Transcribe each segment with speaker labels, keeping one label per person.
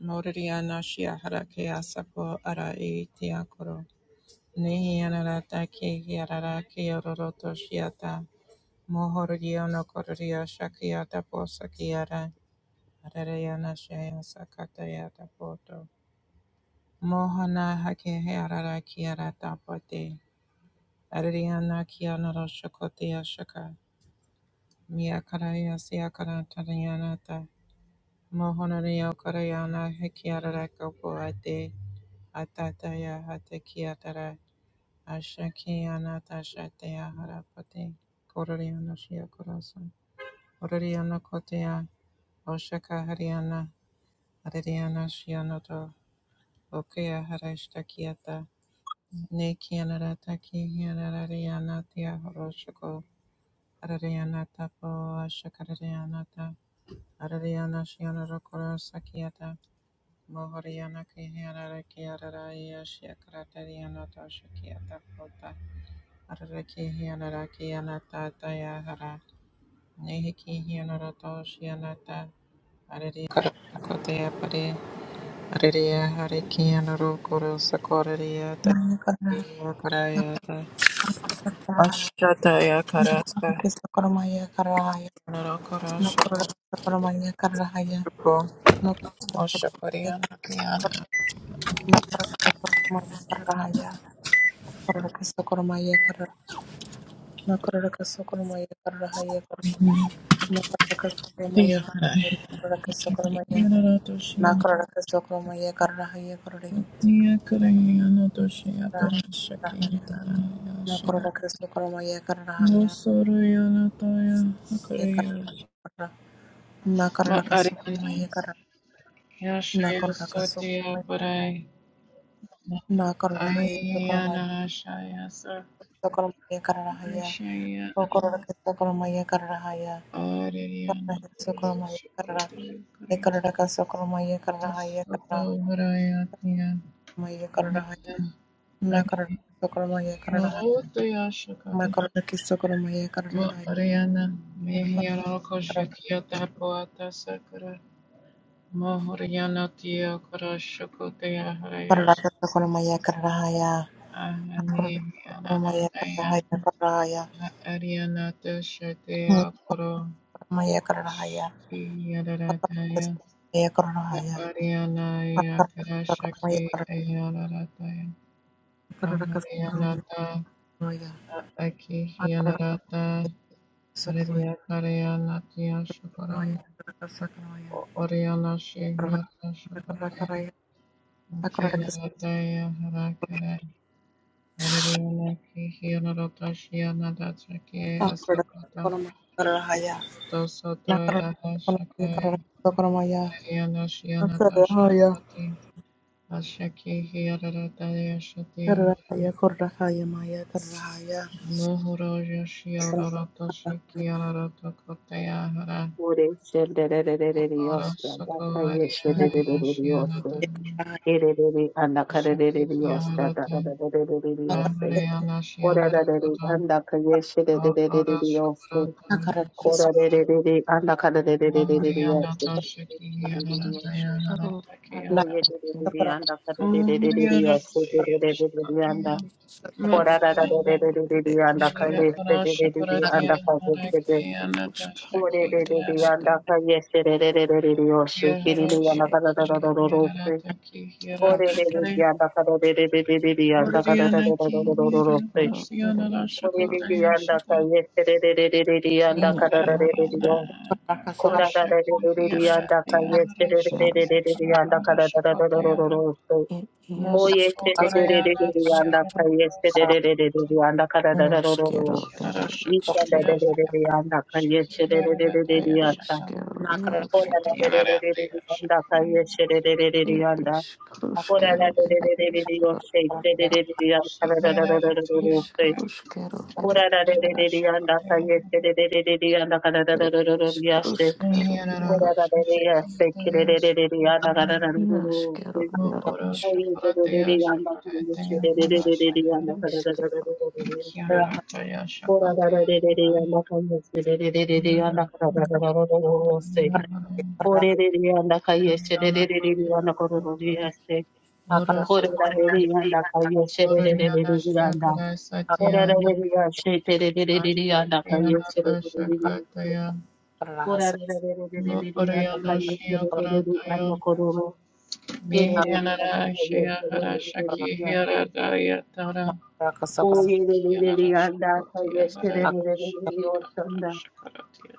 Speaker 1: Noriana Shia Harakea Sapo Ara Etiakoro. Nehianarata Kehiarara Keororoto Shiata. Mohoriono Kororia Shakiata Posakiara. Arareana Shia Sakatayata Poto. Mohana Hakeharara Kiarata Pote. Ariana Kianara Shakotia Shaka. Miakaraya Siakarantarianata. Mohonaria Korayana Hekiarara Kopoate. Atataya Hatekiatara Ashakiana Tashatea Harapati Kororiana Shiakurasan Ororiana Kotea Oshaka Hariana Ariana Shianoto Okea Harashtakiata Nekianarataki Hianariana Tia Horoshako Ariana Tapo Ashakararianata Ariana Shianarokora Sakiata Mohoriana Kihianarakiara Shiakaratariana Toshakiata Kota Araraki hianaraki anata tayahara. Nehiki hianarato shianata. Arari karakotea pare. Araria hariki anaro koro sakoraria
Speaker 2: Maya kara
Speaker 1: tayahara karaya ta.
Speaker 2: karahaya
Speaker 1: Ashataya
Speaker 2: nokuru
Speaker 1: karasta.
Speaker 2: kesakara maya karahaya
Speaker 1: Anaro koro
Speaker 2: nokuru
Speaker 1: shakarako.
Speaker 2: kesakara maya karahaya nokuru
Speaker 1: Oshapariana kiana.
Speaker 2: kesakara maya karahaya nakuraka kesakara maya karahaya nokuru kesakara maya karahaya nakuraka kesakara maya karahaya nokuru kesakara maya
Speaker 1: Tiyahara.
Speaker 2: karahaya nokuru kesakara
Speaker 1: Shaki
Speaker 2: maya
Speaker 1: hianarato shianata.
Speaker 2: nokuru kesakara maya karahaya karahaya
Speaker 1: Tiyakarayana to shiapara shaki antaraya
Speaker 2: nokuru kesakara
Speaker 1: No
Speaker 2: karahaya
Speaker 1: soro yana taya hakaraya.
Speaker 2: karahaya nokuru
Speaker 1: Ma
Speaker 2: kesakara
Speaker 1: Ariana
Speaker 2: karahaya
Speaker 1: Yashaya Satya Parai
Speaker 2: Na kararahaya sokaramaya
Speaker 1: Ayana Shaya
Speaker 2: sokaramaya kararahaya
Speaker 1: Sashaya
Speaker 2: sokaraka sokaramaya kararahaya
Speaker 1: Ariana
Speaker 2: kararahaya
Speaker 1: Kurulu
Speaker 2: sokaramaya karara
Speaker 1: Shukratulu Kare
Speaker 2: ekararaka sokaramaya kararahaya
Speaker 1: Sato
Speaker 2: kararahaya
Speaker 1: Varayatya
Speaker 2: kararahaya na kararaka
Speaker 1: Aki
Speaker 2: sokaramaya kararahaya
Speaker 1: Yorota shaka
Speaker 2: na kararaka sokaramaya
Speaker 1: Ma
Speaker 2: kararahaya
Speaker 1: Ariana
Speaker 2: na
Speaker 1: Mehyana
Speaker 2: kararaka
Speaker 1: Koshikya Tapuata Sakara Mohoriano Tio Koroshokotea Harayashi
Speaker 2: kararaka sokaramaya kararahaya na kararaka
Speaker 1: Ahani
Speaker 2: sokaramaya kararahaya
Speaker 1: Yananakaya
Speaker 2: kararahaya
Speaker 1: Arianato
Speaker 2: na
Speaker 1: Shatea Koro
Speaker 2: karamaya kararahaya
Speaker 1: Shiki
Speaker 2: na kararaka
Speaker 1: Yadarataya
Speaker 2: sokaramaya kararahaya na
Speaker 1: Arianaya
Speaker 2: kararaka sokaramaya
Speaker 1: Karashaki
Speaker 2: kararahaya
Speaker 1: Ayanarataya
Speaker 2: kararaka sokaramaya
Speaker 1: Aharianata
Speaker 2: kararahaya
Speaker 1: Aki
Speaker 2: Nakara
Speaker 1: Yanarata Ariya Karayanatia Shakarana Oriana Shihya Shakaraya Kiyanataya Harakara Ariana Kihiara Tashiana Datsake Asakata Tosoto Yahashakai Ariana Shiana Tashakarati Ashaki Hiara Tayashatiana Nuhuro Yashiara Tashikiara Takotayahara
Speaker 3: Ore
Speaker 1: Ora
Speaker 3: shendererereriosta,
Speaker 1: Soko Ariana Shiana
Speaker 3: dakayeshederereriosta, ererere
Speaker 1: Ashaki
Speaker 3: andakarerereriosta,
Speaker 1: Hiara
Speaker 3: dadadadadadadadiosta,
Speaker 1: Ariana Shiana
Speaker 3: orerere
Speaker 1: Rakata Ora
Speaker 3: andakayeshederereriosta,
Speaker 1: Shukurata
Speaker 3: korerere
Speaker 1: Mohoriana
Speaker 3: andakarerereriosta,
Speaker 1: Toshiki Yadadaya
Speaker 4: Iškeru šana
Speaker 1: Hadatakiyata
Speaker 3: oyederere
Speaker 4: ir
Speaker 1: Mohoriana
Speaker 3: andakarerereriosta, dererere anda,
Speaker 1: Shikataya
Speaker 4: iškeru
Speaker 1: Makarana
Speaker 3: orerere
Speaker 4: ir iškeru
Speaker 1: Maria
Speaker 4: ir
Speaker 1: Karasha
Speaker 3: andakayeshederere
Speaker 1: Kuratia
Speaker 3: andakayeshede,
Speaker 4: iškeru
Speaker 1: Harakiyana
Speaker 3: おれれれれやんだかいえせれれれれれれよし、きりりやなかだだだだろろせ。おれれれやんだかだれれれれれれやんだかだだだだだろろろせ。おれれれやんだかいえせれれれれれれやんだかだだれれれよ。こらだれれれれやんだかいえせれれれれれれやんだかだだだだろろろせ。おいえせれれれれれれやんだかいえせれれれれれれやんだかだだだろろろ。いっかだれれれれやんだかいえせれれれれれれやんだ。
Speaker 1: Toshaki
Speaker 4: ir iškeru
Speaker 1: Yarata
Speaker 4: jeru ir
Speaker 1: Kiharashaki
Speaker 4: iškeru
Speaker 1: Yarata Kihirata
Speaker 4: iškeru
Speaker 1: Kare Oriana Ki
Speaker 4: ir iškeru ir iškeru ir jeru
Speaker 1: Yaratoshiana
Speaker 4: ir
Speaker 1: Rashakotaya Shata Kiharayana Ashaki
Speaker 4: iškeru
Speaker 1: Yarata Yaharashaki
Speaker 4: jeru
Speaker 1: Yarataya Shakotaya
Speaker 4: ir jeru
Speaker 1: Nosuku
Speaker 4: škatara
Speaker 1: Rayana Tiara
Speaker 4: iškeru
Speaker 1: Sakato
Speaker 4: iškeru
Speaker 1: Kirara
Speaker 4: ir iškeru
Speaker 1: Shakotia Shikira Daya
Speaker 4: ir
Speaker 1: Shaka
Speaker 4: iškeru jeru
Speaker 3: Ora la de
Speaker 4: škatara
Speaker 3: de
Speaker 1: Yanara
Speaker 3: de de de de
Speaker 1: Daya
Speaker 3: anda
Speaker 1: Shaka
Speaker 3: kaiye she de de de de de
Speaker 4: ir
Speaker 3: anda.
Speaker 4: iškeru
Speaker 3: Ora la
Speaker 4: škeru
Speaker 1: Shikira
Speaker 3: de de de
Speaker 4: ir
Speaker 3: de de de yo
Speaker 4: iškeru
Speaker 3: she de de de de de anda da da da da
Speaker 1: Tiara
Speaker 3: da da da da she.
Speaker 4: iškeru škeru ir
Speaker 3: Ora la de
Speaker 4: iškeru
Speaker 1: Kirara
Speaker 3: de de de anda
Speaker 1: Shakotia
Speaker 3: kaiye she de de de de de anda da da da da da da da ya she.
Speaker 4: Iškaruškero
Speaker 1: Nihira
Speaker 3: Ora la
Speaker 4: Yarošk.
Speaker 3: de de ya she ki de
Speaker 1: Shikira
Speaker 3: de de de de anda da da
Speaker 1: Sakatia
Speaker 3: da da da da
Speaker 4: Inaškero
Speaker 3: she.
Speaker 1: No Oro
Speaker 4: Yarošk.
Speaker 3: Oye de de de
Speaker 1: Shakaratia
Speaker 3: de anda kaiye she
Speaker 1: Shakaratia
Speaker 3: de de de
Speaker 1: Mara
Speaker 3: de de de
Speaker 1: Shaka
Speaker 3: anda da da da da da
Speaker 4: Iškero.
Speaker 3: da da da ya she.
Speaker 1: Kianara Daya
Speaker 3: Ora la de de de de
Speaker 1: Shakatia
Speaker 3: anda kaiye she de de de de de anda da da da da da da da she.
Speaker 2: Makaraka
Speaker 3: Orererianda kayesherererianda korororiaste.
Speaker 1: Oro sikoro,
Speaker 3: Korererianda
Speaker 1: oro riana
Speaker 3: kayesherererianda.
Speaker 1: shiakara satyana,
Speaker 3: Orererianda
Speaker 1: ashtakiana
Speaker 3: kayesherererianda.
Speaker 1: dashakataya,
Speaker 3: Orererianda
Speaker 1: oriana shiakarataya,
Speaker 3: kayesherererianda kororo.
Speaker 1: mihianara
Speaker 3: Kerererianda
Speaker 1: shiakara shaki
Speaker 3: kayesherererianda.
Speaker 1: hiaradaya tara, kianara
Speaker 3: Orererianda kayesherererianda.
Speaker 1: shakotia
Speaker 3: Orererianda
Speaker 1: haraya shakiara
Speaker 3: kayesherererianda.
Speaker 1: shakaratya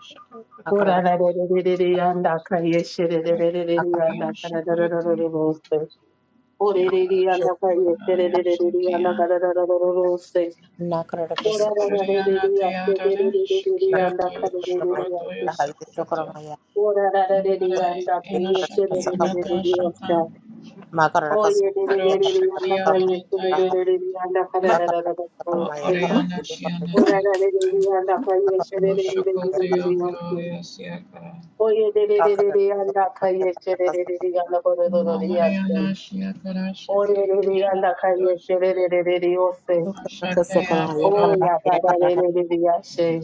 Speaker 1: shakaratya.
Speaker 3: Karararararoroste.
Speaker 1: Kiana
Speaker 3: Orereri anda kaya
Speaker 1: Shakunaya
Speaker 3: terereri anda
Speaker 1: Shakian
Speaker 3: karararararose. Orararareri
Speaker 1: Shakuriyana
Speaker 3: ase
Speaker 1: Tayadare
Speaker 3: terereri anda
Speaker 1: Shakiatu
Speaker 3: kararareri
Speaker 1: Shakuratoya
Speaker 3: ase.
Speaker 1: Sakurato
Speaker 3: Orararareri
Speaker 1: Yamara
Speaker 3: anda
Speaker 1: Ina
Speaker 3: kaya
Speaker 1: Shakiana
Speaker 3: terereri
Speaker 1: Tashata
Speaker 3: ose.
Speaker 4: Come
Speaker 1: Mukuro
Speaker 3: Oyerereri anda
Speaker 1: Shakiana
Speaker 3: kaya
Speaker 1: Nataya
Speaker 3: terereri anda
Speaker 4: on,
Speaker 3: karararararose.
Speaker 4: come on,
Speaker 1: Maoriana Shiana
Speaker 4: come on.
Speaker 1: Tashata
Speaker 3: Orararareri anda kaya
Speaker 1: Moshakotia
Speaker 3: terereri ase.
Speaker 1: Varaya Siakara
Speaker 3: Oyerereri anda kaya terereri anda kararararari
Speaker 1: Mahariana
Speaker 3: ase.
Speaker 1: Shiakara Shaki
Speaker 3: Orereri
Speaker 1: Yana
Speaker 3: anda kaya
Speaker 1: Shaki
Speaker 3: terereri ose.
Speaker 2: Akara Kasokol
Speaker 1: Ashataya
Speaker 2: Maya
Speaker 1: Varo
Speaker 3: Oh, yeah, da da da da da da yeah, she.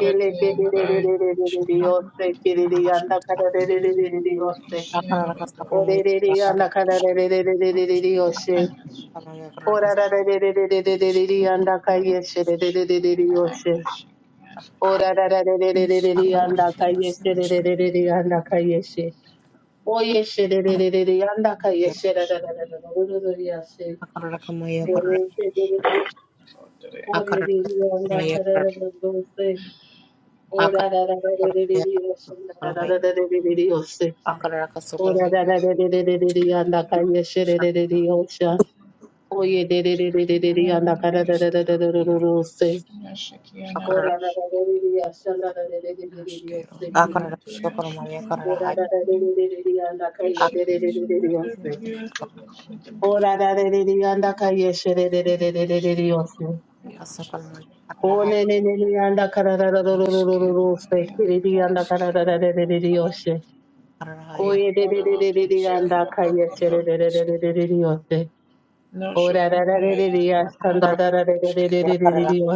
Speaker 3: Kele ke de de de
Speaker 1: Varaya
Speaker 3: de de de de de oh,
Speaker 4: Iškero
Speaker 3: she. Kele de
Speaker 4: Yarošk.
Speaker 3: yanda ka da de de de de de de oh, she.
Speaker 1: Ishiana
Speaker 3: Oh,
Speaker 1: Varo
Speaker 3: de de de yanda ka da
Speaker 4: Iškarušk
Speaker 3: de de de de de de de
Speaker 4: Yarošk.
Speaker 3: de oh, she.
Speaker 1: Thank
Speaker 3: Oh, da da da de de de de de de de de yanda
Speaker 4: Iškero
Speaker 3: ka yes, she de
Speaker 4: Yarošk.
Speaker 3: de de de de de oh, she. Oh, da da da de de de de de de
Speaker 4: Iškero Yarošk. Yarošk. Iškaruškero Yarošk. Iškero
Speaker 3: yanda
Speaker 4: Yarošk.
Speaker 3: ka yes, she de de de de de yanda ka yes, she. Oh, yes, she de de de de de yanda ka yes, she da da da da da da da da da yeah, she. Oh, de de de de de oh, de de de yanda ka da da da da oh, she. Oh da da da da da da da Oh da da da da da da da da yanda kanya shere da da da yosha. Oh ye da da da da da da da yanda kara da da da da da da da yose. Oh da da da da da da yasha da da
Speaker 2: Karahaya
Speaker 3: da da da da da
Speaker 4: Inaškero
Speaker 3: yose
Speaker 4: Yarošk. Iškero
Speaker 3: kiri.
Speaker 4: Yarošk.
Speaker 3: Oh da da da da da da da da yanda kanya da da da da da da yose. Oh da da da da da yanda kanya shere da da da da da da da
Speaker 4: Iškero
Speaker 3: yose.
Speaker 4: Yarošk.
Speaker 3: Oh ne
Speaker 1: you.
Speaker 3: ne ne ne yanda kara da da da da da da da
Speaker 4: Iskero
Speaker 3: yose
Speaker 4: ed
Speaker 3: kiri
Speaker 4: ed
Speaker 3: yanda
Speaker 1: Hariana
Speaker 3: kara
Speaker 4: iskero
Speaker 3: da da da da da da yoshe. O ye that are in
Speaker 4: iskero ad
Speaker 3: the shadow of
Speaker 4: iaro iskero
Speaker 3: the ocean, O ye that
Speaker 4: iaro
Speaker 3: stand
Speaker 4: ad
Speaker 2: Corromaya
Speaker 3: under
Speaker 4: ed
Speaker 3: the
Speaker 4: iskero
Speaker 2: karara
Speaker 3: ocean,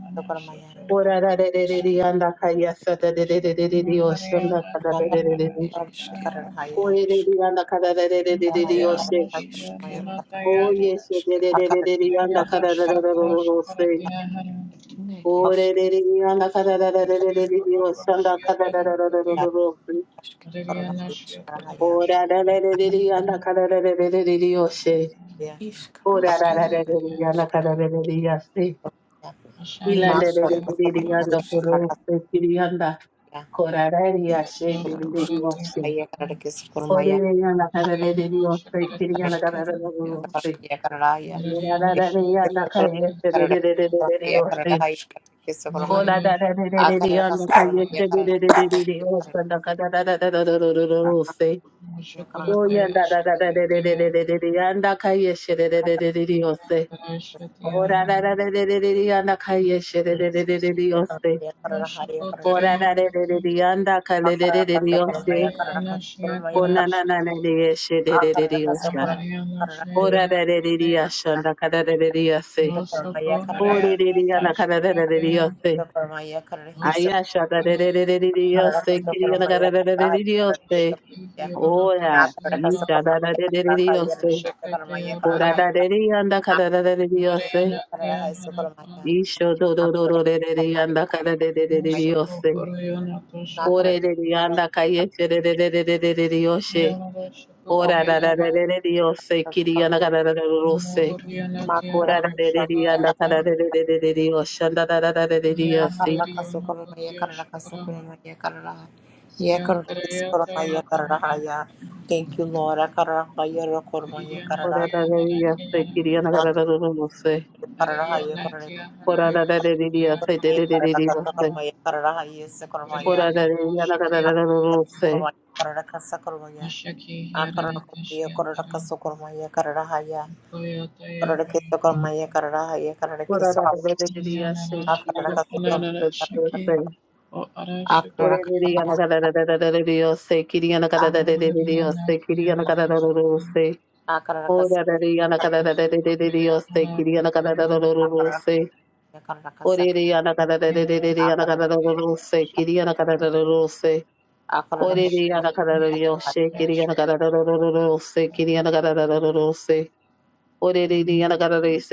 Speaker 2: hasto corromaya.
Speaker 3: O ye that are in
Speaker 4: iskero
Speaker 3: the shadow of the ocean, O ye that stand
Speaker 2: Ya
Speaker 3: under the ocean,
Speaker 4: ed
Speaker 2: corromaya karara
Speaker 4: iskero ed
Speaker 3: O
Speaker 2: haya.
Speaker 3: ye that are in
Speaker 4: isk
Speaker 3: the shadow of the
Speaker 2: Corromaya karara
Speaker 3: ocean,
Speaker 2: hasto corromaya.
Speaker 4: iskero ad
Speaker 3: O ye
Speaker 4: ed
Speaker 3: that stand under the ocean, O ye
Speaker 4: iskero
Speaker 3: that
Speaker 2: Akara
Speaker 3: are
Speaker 2: hasto
Speaker 3: in
Speaker 2: corromaya.
Speaker 4: rusk ne isk
Speaker 2: Akara
Speaker 4: isk
Speaker 2: corromaya
Speaker 1: Shia Kodakosha
Speaker 2: karara
Speaker 4: iskero
Speaker 2: haya.
Speaker 3: the
Speaker 1: Kodakosha
Speaker 3: shadow of the ocean.
Speaker 2: Ya
Speaker 4: isk
Speaker 3: Ora
Speaker 2: akara
Speaker 3: ra ra
Speaker 4: ruskero
Speaker 3: ra ra
Speaker 1: Rossetti,
Speaker 4: ad
Speaker 3: ra ya na ka ra
Speaker 4: iskero
Speaker 3: ra ra ya se.
Speaker 2: ya.
Speaker 4: ed
Speaker 2: Ma
Speaker 1: Ashania,
Speaker 3: Ilanda ra ra ra
Speaker 2: karara
Speaker 4: iskero
Speaker 2: hasto
Speaker 3: ra ra ya no
Speaker 2: corromaya
Speaker 4: iarusk
Speaker 2: karara
Speaker 3: koro
Speaker 2: hasto
Speaker 3: se kiri yanda.
Speaker 2: ya.
Speaker 3: Kora ra ra ya
Speaker 4: ed
Speaker 3: she de ra
Speaker 1: Yadadosha
Speaker 3: ra ra
Speaker 4: iarusk
Speaker 3: ya she.
Speaker 1: Koratia,
Speaker 2: Haya karara kisto
Speaker 4: tarusk
Speaker 3: Ore
Speaker 2: corromaya. Corromaya karara
Speaker 3: ra ra ya na ka ra ra ra ra ya
Speaker 1: Shianadosha
Speaker 3: se kiri
Speaker 2: Akarara
Speaker 1: Koratia,
Speaker 3: yana ka ra
Speaker 4: iskero
Speaker 3: ra
Speaker 2: kisu
Speaker 3: ra ya
Speaker 4: iarusk
Speaker 3: se.
Speaker 2: kurumaya karara haya.
Speaker 3: Ora ra
Speaker 1: Yadariana
Speaker 3: ra ra ra ya na
Speaker 2: Kisto
Speaker 1: Shikara
Speaker 3: ka ye
Speaker 2: corromaya
Speaker 3: se ra
Speaker 2: karara
Speaker 3: ra
Speaker 1: Shikatia,
Speaker 3: ra
Speaker 2: kisto
Speaker 3: ra ra ra
Speaker 2: corromaya
Speaker 3: ya se.
Speaker 2: karara haya.
Speaker 4: tarusk
Speaker 2: Kisto corromaya.
Speaker 3: Kora
Speaker 1: Muraria
Speaker 3: ra ra ra ra ra ra ra
Speaker 2: Akara
Speaker 3: ya na
Speaker 2: hasto
Speaker 3: ka ye
Speaker 2: corromaya
Speaker 3: she ra
Speaker 2: karara
Speaker 1: Shikatia,
Speaker 3: ra ra ra
Speaker 2: hasto
Speaker 3: ra ra
Speaker 2: corromaya
Speaker 3: ya
Speaker 2: karara.
Speaker 3: se na ka ra ra ra ra ra ra ra ra ya
Speaker 2: Akarara
Speaker 3: se.
Speaker 2: ya karara hasu
Speaker 3: Oya
Speaker 1: Mushakuratia
Speaker 3: da da da da da da da da
Speaker 1: Shikitia,
Speaker 3: da da da ya na ka ye se ra ra ra
Speaker 2: Thank
Speaker 3: ra ra ra ya se.
Speaker 1: Karashatia,
Speaker 3: Ora ra ra ra re re re re re anda kaiye she re re re re re re oste.
Speaker 1: Mushakotaria,
Speaker 3: Ora ra ra re re re re anda kale re re re re oste.
Speaker 1: Hariana Shia
Speaker 3: O
Speaker 1: Kara
Speaker 3: na na na na
Speaker 1: Shite
Speaker 3: re ye she re re re re osha.
Speaker 1: Hariana Shihara
Speaker 3: Ora ra ra re re re
Speaker 1: Pate
Speaker 3: asha anda kara re re re oste.
Speaker 1: Osoko
Speaker 3: Ore re re
Speaker 1: Harayana
Speaker 3: re anda kara re re re re
Speaker 1: Tashakaya
Speaker 3: oste. Aya
Speaker 1: Osoko
Speaker 3: sha ra re re re re re re
Speaker 1: Harayana
Speaker 3: oste. Kiri anda kara re re re re re oste.
Speaker 1: Shikirata
Speaker 3: Ora
Speaker 1: Shiata
Speaker 3: isha ra ra re re re re oste.
Speaker 1: Ashakataya
Speaker 3: Ora ra da
Speaker 1: Bare
Speaker 3: re re anda kara re re re re oste.
Speaker 1: Mariana Tia Harapa
Speaker 2: you.
Speaker 3: Isho do
Speaker 2: Okay.
Speaker 3: do do do re re re anda kara re re re re re
Speaker 1: Mosoko
Speaker 3: oste.
Speaker 1: Orayana Tashaka
Speaker 3: Orererianda kayesherererererereriyoshe.
Speaker 1: Yonada Shakotayara
Speaker 3: Orarararererereriyose
Speaker 2: Thank
Speaker 3: kiriyanagarararose.
Speaker 1: Mohoriana Tia
Speaker 3: Orararererianda
Speaker 1: Harashakata
Speaker 3: kararerererereriyoshe.
Speaker 1: Ya
Speaker 3: Andarararerereriyose.
Speaker 1: Harariona Kotia Shakara Siya Karayata Yakara Eti
Speaker 2: you, Lord.
Speaker 1: Kariyana Tia
Speaker 3: Orararereriyose
Speaker 1: Harakayana
Speaker 3: kiriyanagarararose.
Speaker 1: Hariya Natya Haraya Shakya
Speaker 3: Orararerereriyose
Speaker 1: Haraya
Speaker 3: dererereriyose.
Speaker 1: Saramara
Speaker 2: Nakaraka
Speaker 1: Hariya Nata Shakya
Speaker 3: Orararereriyanagarararose.
Speaker 1: Haraya
Speaker 2: Karadakaraya,
Speaker 1: Ashaki Hirare
Speaker 2: Akaraya,
Speaker 1: Tashya
Speaker 2: Korodaka
Speaker 1: Taram
Speaker 2: Sokormaya, Karadahaya,
Speaker 1: Koyataya
Speaker 2: Korodakis,
Speaker 1: Haripata
Speaker 2: Karadahaya, Karadakis,
Speaker 3: Orararerereriyose
Speaker 1: Yanana
Speaker 2: Akaraka
Speaker 1: Shako
Speaker 2: Sokom,
Speaker 1: Anana
Speaker 3: kiriyanagarararose.
Speaker 1: Shaki, O Arashaki
Speaker 2: Akaraka Sokom,
Speaker 3: Orereriyanagaradarararereriyose
Speaker 1: Nurariya
Speaker 3: kiriyanagarararereriyose
Speaker 1: Natya Haraya Shaki
Speaker 3: kiriyanagarararose. Dios,
Speaker 2: Akaraka Sokom,
Speaker 1: Koyosakotaya Harapataya
Speaker 2: Akaraka Sak,
Speaker 1: Mukhyanara Shakya
Speaker 2: Akaraka,
Speaker 1: Shakya
Speaker 2: Akaraka
Speaker 1: Shakya Shakya Shakya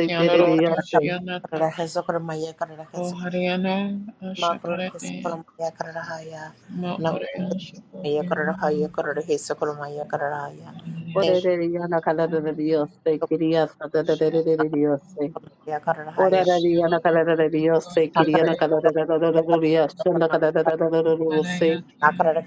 Speaker 1: Kianaroto Shianata
Speaker 2: Sokormaya, Karadaka
Speaker 1: O
Speaker 2: Sokom,
Speaker 1: Hariana
Speaker 2: Makurkis,
Speaker 1: Ashakarate
Speaker 2: Sokormaya, Karadahaya,
Speaker 1: Ma Orean
Speaker 2: Nakurkis,
Speaker 1: Shakote
Speaker 2: Karadahaya, Korodakis, Sokormaya, Karadahaya. Thank you.
Speaker 1: Harias
Speaker 2: Makaraka
Speaker 1: Shianata
Speaker 3: Oya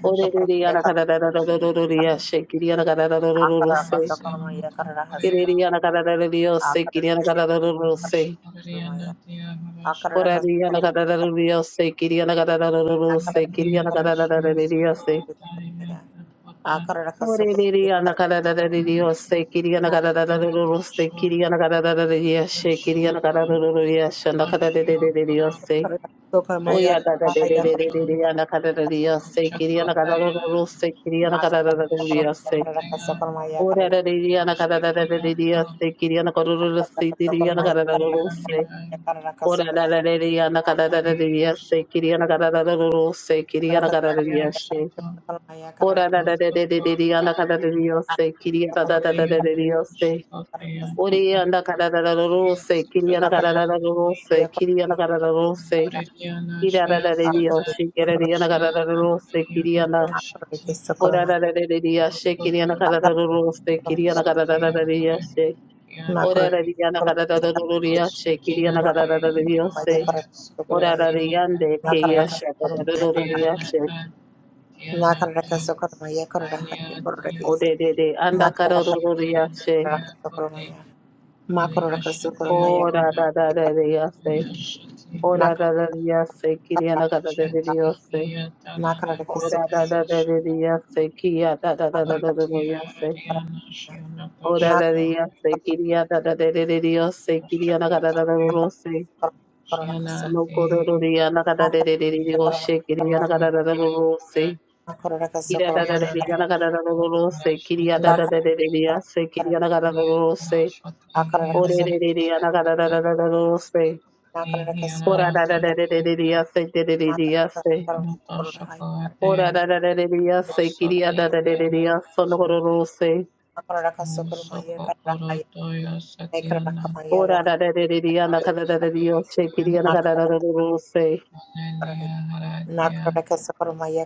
Speaker 3: Ora ra ri ri ana kara ra ra ra ri ri ase kiri ana koro ro ro se ti ri ana kara ra ro ro se. Ora ra ra ri ri ana kara ra ra ri ri ase kiri ana kara ra ro ro se kiri ana kara ra ri ase. Ora ra ra ra ri ri ri ri ana kara
Speaker 1: Shaka,
Speaker 3: ra ri
Speaker 2: Nakara
Speaker 3: ase kiri ana ra ra ra ra
Speaker 1: Oriana
Speaker 3: ri ri ase.
Speaker 1: Shakotaya
Speaker 3: Ori
Speaker 1: Pata
Speaker 3: ana kara ra ra ro ro
Speaker 1: Shias
Speaker 3: se kiri ana kara
Speaker 1: Kataya
Speaker 3: ra ra ro ro se kiri ana kara ra ro se.
Speaker 1: Oriana
Speaker 3: Ira ra ra ri
Speaker 1: Shias
Speaker 3: ri
Speaker 1: Kata
Speaker 3: ase kiri ana kara ra ro
Speaker 1: Shiana
Speaker 3: ro se kiri
Speaker 1: Yuna
Speaker 3: ana.
Speaker 1: shati
Speaker 3: Ora ra ra ri ri ri ase kiri ana
Speaker 1: Hospital
Speaker 3: kara ra ro ro se kiri ana kara ra
Speaker 1: Sakia
Speaker 3: ra ri
Speaker 1: Pura
Speaker 3: ase.
Speaker 1: Yana
Speaker 3: Ora ra
Speaker 1: Rai
Speaker 3: riana kara ra ra ro ria she
Speaker 1: Atsukia
Speaker 3: kiriana kara
Speaker 1: Diana Daya
Speaker 3: Ora ra
Speaker 1: Supratina
Speaker 3: riande ke ya
Speaker 1: Kamputia
Speaker 3: she kara ra ro
Speaker 1: Diana Tan Diana Tan
Speaker 3: O
Speaker 1: Aliatio
Speaker 3: de de de anda kara ro ro
Speaker 1: Shikiana Tia Shut
Speaker 3: Ora ra ra ra ria Ora ra ra ria se kiriana kara ra Ora ra ra ra ra ria se kia ra ra ra ra
Speaker 2: Nakaraka
Speaker 3: ra Ora ra ria se kiria ra ra ra ra ra ria se kiriana kara ra ra ro ro se.
Speaker 2: Nakaraka
Speaker 3: No koro ro ria na kiriana kara ra Kiriya da da da da yana kadar da olursa, kiriya da da da da da yasa, kiriya da kadar da olursa, o da da
Speaker 2: Sokoromaya
Speaker 3: da da yana kadar da da da da olursa, ora da da da da da da
Speaker 1: the
Speaker 3: yasa, da da da da yasa,
Speaker 1: Anatoshakate
Speaker 3: ora da da da da da yasa, kiriya
Speaker 1: Masati
Speaker 3: da da da da da
Speaker 1: Yanata
Speaker 3: yasa, ne kadar
Speaker 1: Shati
Speaker 3: olursa,
Speaker 1: Musoko Urotoya Satyana
Speaker 3: ora da da da da da yana kadar
Speaker 1: Harati
Speaker 3: da da da yasa, kiriya da
Speaker 1: Yanana
Speaker 3: kadar da da olursa,
Speaker 1: Manania Haratea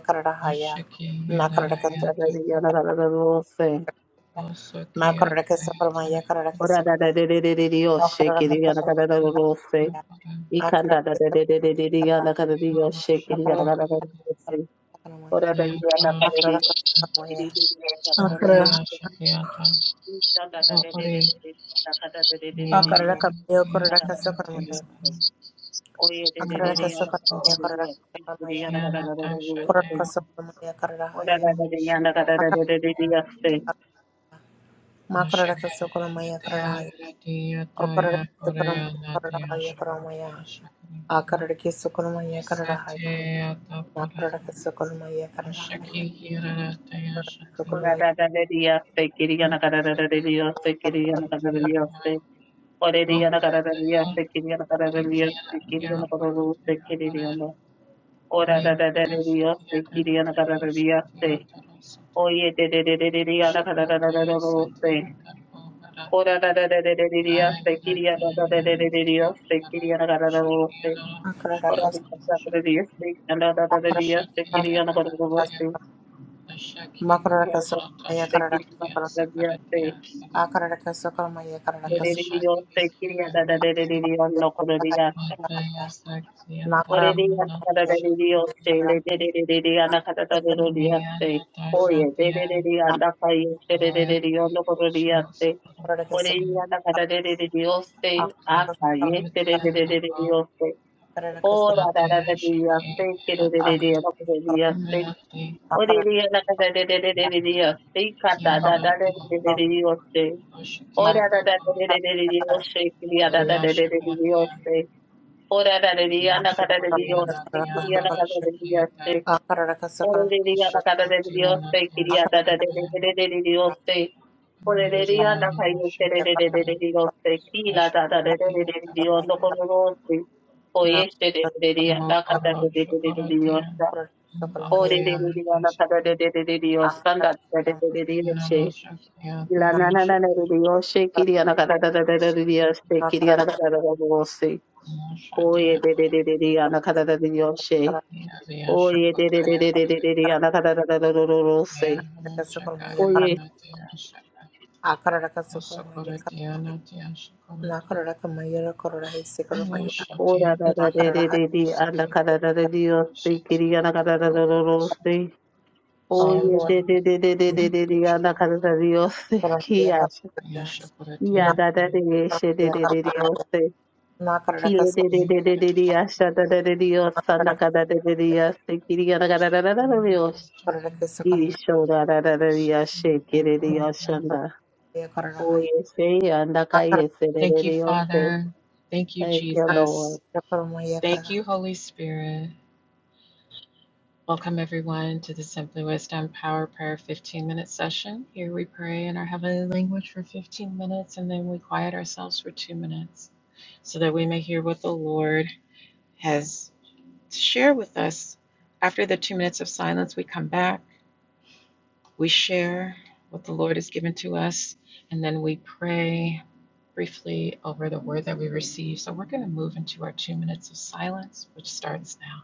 Speaker 2: Kararahaya.
Speaker 1: Mushiki
Speaker 2: Nakaraka
Speaker 3: da da da
Speaker 1: Yarayata
Speaker 3: yana kadar da olursa,
Speaker 2: Ma
Speaker 1: Osoki
Speaker 2: karara ke sokoro ma ya
Speaker 1: Atayatara
Speaker 2: karara ke
Speaker 3: ora
Speaker 2: sokoro
Speaker 3: da da da da da da
Speaker 2: ma
Speaker 3: yasa,
Speaker 2: karara ke
Speaker 3: kiriya da
Speaker 2: sokoro
Speaker 3: kadar da
Speaker 1: Sati
Speaker 2: ma
Speaker 3: olursa.
Speaker 2: ya
Speaker 1: Tapara
Speaker 2: ma karara
Speaker 3: Ikanda da
Speaker 2: ke
Speaker 3: da
Speaker 2: sokoro
Speaker 3: da da da da da yana kada da ya shaking yana
Speaker 1: Yanoshaka
Speaker 3: kada da da da da ora da yana kada da da da
Speaker 1: Yakarashika
Speaker 3: da yana kada
Speaker 2: ma ya
Speaker 3: da ro
Speaker 2: karara
Speaker 1: Mataya Shakiata
Speaker 3: ikanda da da
Speaker 1: Ori
Speaker 3: da da da da
Speaker 2: ma karara ma
Speaker 3: kada
Speaker 2: ya
Speaker 1: Myanatiya
Speaker 2: karara ke
Speaker 1: Ori
Speaker 2: sokoro
Speaker 1: Tayatara
Speaker 3: da
Speaker 2: ma
Speaker 3: da da da da da yana kada da da da oye da da da da yana kada
Speaker 2: ya
Speaker 3: da
Speaker 1: Hiroshigo
Speaker 3: da
Speaker 2: karara
Speaker 3: da
Speaker 2: ma
Speaker 3: da yana kada da da
Speaker 1: Shianata Shate
Speaker 2: karara ke
Speaker 3: da
Speaker 2: sokoro ma ya karara ke sokoro ma ya karara ke sokoro ma ya karara ke sokoro ma ya karara ke sokoro ma ya karara
Speaker 3: ora
Speaker 2: ya
Speaker 3: da da da yana kada da da
Speaker 1: Shakati
Speaker 3: da da da ora da da da da da yana kada da da da da yana
Speaker 2: ma karara ke
Speaker 1: Mashake
Speaker 2: sokoro ma ya karara
Speaker 1: Hatia
Speaker 2: ya
Speaker 1: Hatia
Speaker 2: karara ke
Speaker 1: Taya
Speaker 2: sokoro
Speaker 1: Korea
Speaker 2: ma ya
Speaker 1: Natia
Speaker 2: karara ya karara ma
Speaker 1: Shakati
Speaker 2: ya
Speaker 1: Shakati
Speaker 2: karara ke sokoro ma ya karara ya
Speaker 1: Satya
Speaker 2: ma
Speaker 1: Tapura
Speaker 2: karara ke sokoro ma ya karara
Speaker 1: Shaki Hirataya Shati
Speaker 2: ya Makaraka
Speaker 3: kada da
Speaker 1: Sukuratya
Speaker 3: da da Oreliyana kararariya
Speaker 1: Maharataya
Speaker 3: sekiriyana kararariya
Speaker 1: Parikia
Speaker 3: sekiriyana kararariya
Speaker 1: Yakutaya
Speaker 3: sekiriyana.
Speaker 1: Shakti,
Speaker 3: Orarararariya sekiriyana kararariya se. Oyededererereriyana kararararararo se. Orararararariya sekiriyana karararararariya sekiriyana kararararo se. Orararararariya sekiriyana kararariya sekiriyana kararararo se. Sekiriyana kararariya se. Oreliyana sekiriyana kararariya nokorariya. Orelia Sarabelio Sele Dedana Catatoria Ste Oye Dedia and Akayo
Speaker 1: I am
Speaker 3: Sededio
Speaker 1: the
Speaker 3: Locoria
Speaker 1: one who is
Speaker 3: Ste Orelia Catatorio Ste
Speaker 1: the creator of the
Speaker 3: Akaye
Speaker 1: universe.
Speaker 3: Sededio Ste
Speaker 1: I
Speaker 3: Ora
Speaker 1: am
Speaker 3: Dadadia Ste Kededia
Speaker 1: the one
Speaker 3: Locoria
Speaker 1: who
Speaker 3: Ste
Speaker 1: is
Speaker 3: Orelia Catatoria Ste
Speaker 1: the
Speaker 3: Cata
Speaker 1: creator of the
Speaker 3: Dadadio Ste
Speaker 1: world. I am the one who is the creator
Speaker 3: Ora
Speaker 1: of
Speaker 3: Dadadio Ste Kriada Dadadio Ora la de
Speaker 1: the
Speaker 3: día, la cara de
Speaker 1: universe.
Speaker 3: Dios, te
Speaker 1: I am the
Speaker 3: quería la
Speaker 1: one
Speaker 3: cara de Dios, te.
Speaker 2: akarara
Speaker 3: Ora
Speaker 2: kasakara
Speaker 3: de
Speaker 1: who
Speaker 3: día,
Speaker 1: is
Speaker 3: la
Speaker 2: akarara
Speaker 1: the creator of the world. I am the one who is the creator
Speaker 3: cara
Speaker 1: of
Speaker 3: de
Speaker 1: the universe. I am the
Speaker 3: Dios,
Speaker 1: one
Speaker 3: te
Speaker 1: who
Speaker 3: quería
Speaker 1: is
Speaker 3: la cara de de- de- de Dios, te. Ora de día, la cara de de- de- de- de Dios, te quería la
Speaker 1: the
Speaker 3: cara de
Speaker 1: creator
Speaker 3: de- de-
Speaker 1: of
Speaker 3: de
Speaker 1: the
Speaker 3: Dios, no
Speaker 1: world.
Speaker 3: como vos, te. Oye este de de día,
Speaker 1: Mo
Speaker 3: la cara de de-
Speaker 1: orosho
Speaker 3: de- de- de Dios,
Speaker 1: oratia,
Speaker 3: ta. Ora de
Speaker 1: avaria
Speaker 3: día, la
Speaker 1: natasha,
Speaker 3: cara de de- de- de Dios, ta, la cara de de- de Dios, te.
Speaker 1: inolosha
Speaker 3: La na na
Speaker 1: kiatayasha,
Speaker 3: na na de Dios, te quería la cara de de- de- de Dios, te quería la cara de vos, te.
Speaker 1: mosha
Speaker 3: Oye
Speaker 1: dia
Speaker 3: de de de de de ana kada da de yoshe.
Speaker 1: paradia riasha
Speaker 3: Oye de de de
Speaker 1: kotaya,
Speaker 3: de de de de de ana kada da da da da da da se.
Speaker 1: yavrosha kaya
Speaker 3: Oye
Speaker 1: natasha, mosokoratia
Speaker 3: ora da da de
Speaker 1: tara,
Speaker 3: de de de ana
Speaker 1: isaki,
Speaker 3: kada da da de yoshe kiri
Speaker 1: shetia
Speaker 3: ana kada da da da
Speaker 1: tara,
Speaker 3: da se.
Speaker 2: Oh
Speaker 1: shetia
Speaker 3: Oye
Speaker 2: Lord,
Speaker 3: de
Speaker 1: tara,
Speaker 3: de de de de de de de ana kada da de yoshe kiya she.
Speaker 1: yasha
Speaker 3: Ya
Speaker 1: koratia,
Speaker 3: da da de yeshe de de de de yoshe. Kile de de de de de de yasha da da de de yoshe ana kada da de de yoshe kiri ana kada da da da da yoshe. Isho da da da da yashe kiri
Speaker 2: Nakaraka
Speaker 3: yashanda. Oh, yes, she and I can yes, it is,
Speaker 1: Thank you,
Speaker 3: yes.
Speaker 1: Father. Thank you,
Speaker 3: Thank you,
Speaker 1: Jesus.
Speaker 3: Lord.
Speaker 1: Thank you, Holy Spirit. Welcome, everyone, to the Simply Wisdom Power Prayer 15 minute session. Here we pray in our heavenly language for 15 minutes and then we quiet ourselves for two minutes so that we may hear what the Lord has to share with us. After the two minutes of silence, we come back. We share what the Lord has given to us, and then we pray briefly over the word that we receive. So we're going to move into our two minutes of silence, which starts now.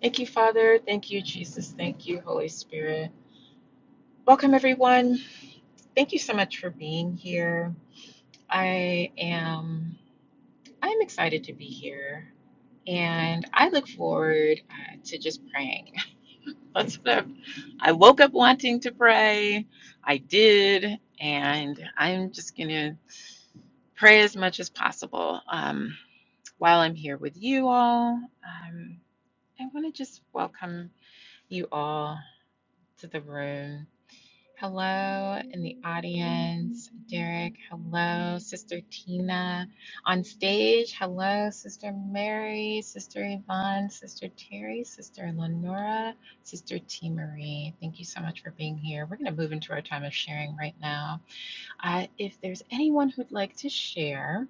Speaker 1: Thank you, Father. Thank you, Jesus. Thank you, Holy Spirit. Welcome, everyone. Thank you so much for being here. I am. I'm excited to be here, and I look forward uh, to just praying That's what I've, I woke up wanting to pray. I did, and I'm just going to pray as much as possible um, while I'm here with you all. Um, I want to just welcome you all to the room. Hello in the audience, Derek. Hello, Sister Tina. On stage, hello, Sister Mary, Sister Yvonne, Sister Terry, Sister Lenora, Sister T. Marie. Thank you so much for being here. We're going to move into our time of sharing right now. Uh, if there's anyone who'd like to share,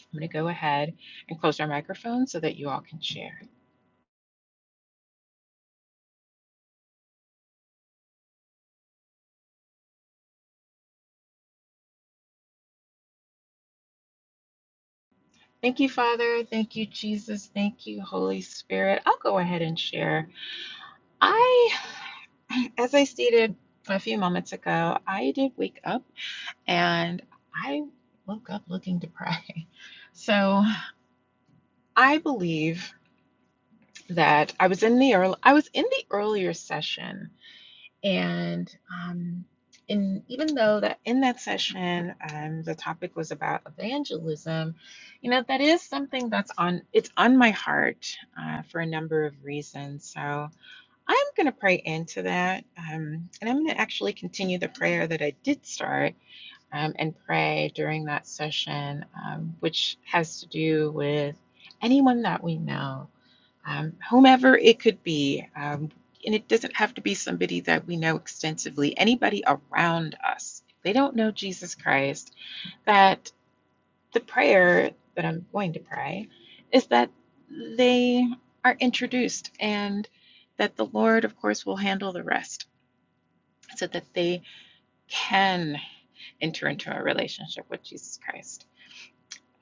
Speaker 1: I'm going to go ahead and close our microphone so that you all can share. Thank you, Father. Thank you, Jesus. Thank you, Holy Spirit. I'll go ahead and share. I, as I stated a few moments ago, I did wake up and I woke up looking to pray. So I believe that I was in the early, I was in the earlier session, and um, in even though that in that session um, the topic was about evangelism, you know that is something that's on it's on my heart uh, for a number of reasons. So I'm going to pray into that. Um, and I'm going to actually continue the prayer that I did start um, and pray during that session, um, which has to do with anyone that we know, um, whomever it could be. Um, and it doesn't have to be somebody that we know extensively, anybody around us. If they don't know Jesus Christ, that the prayer that I'm going to pray is that they are introduced and that the Lord, of course, will handle the rest so that they can enter into a relationship with Jesus Christ.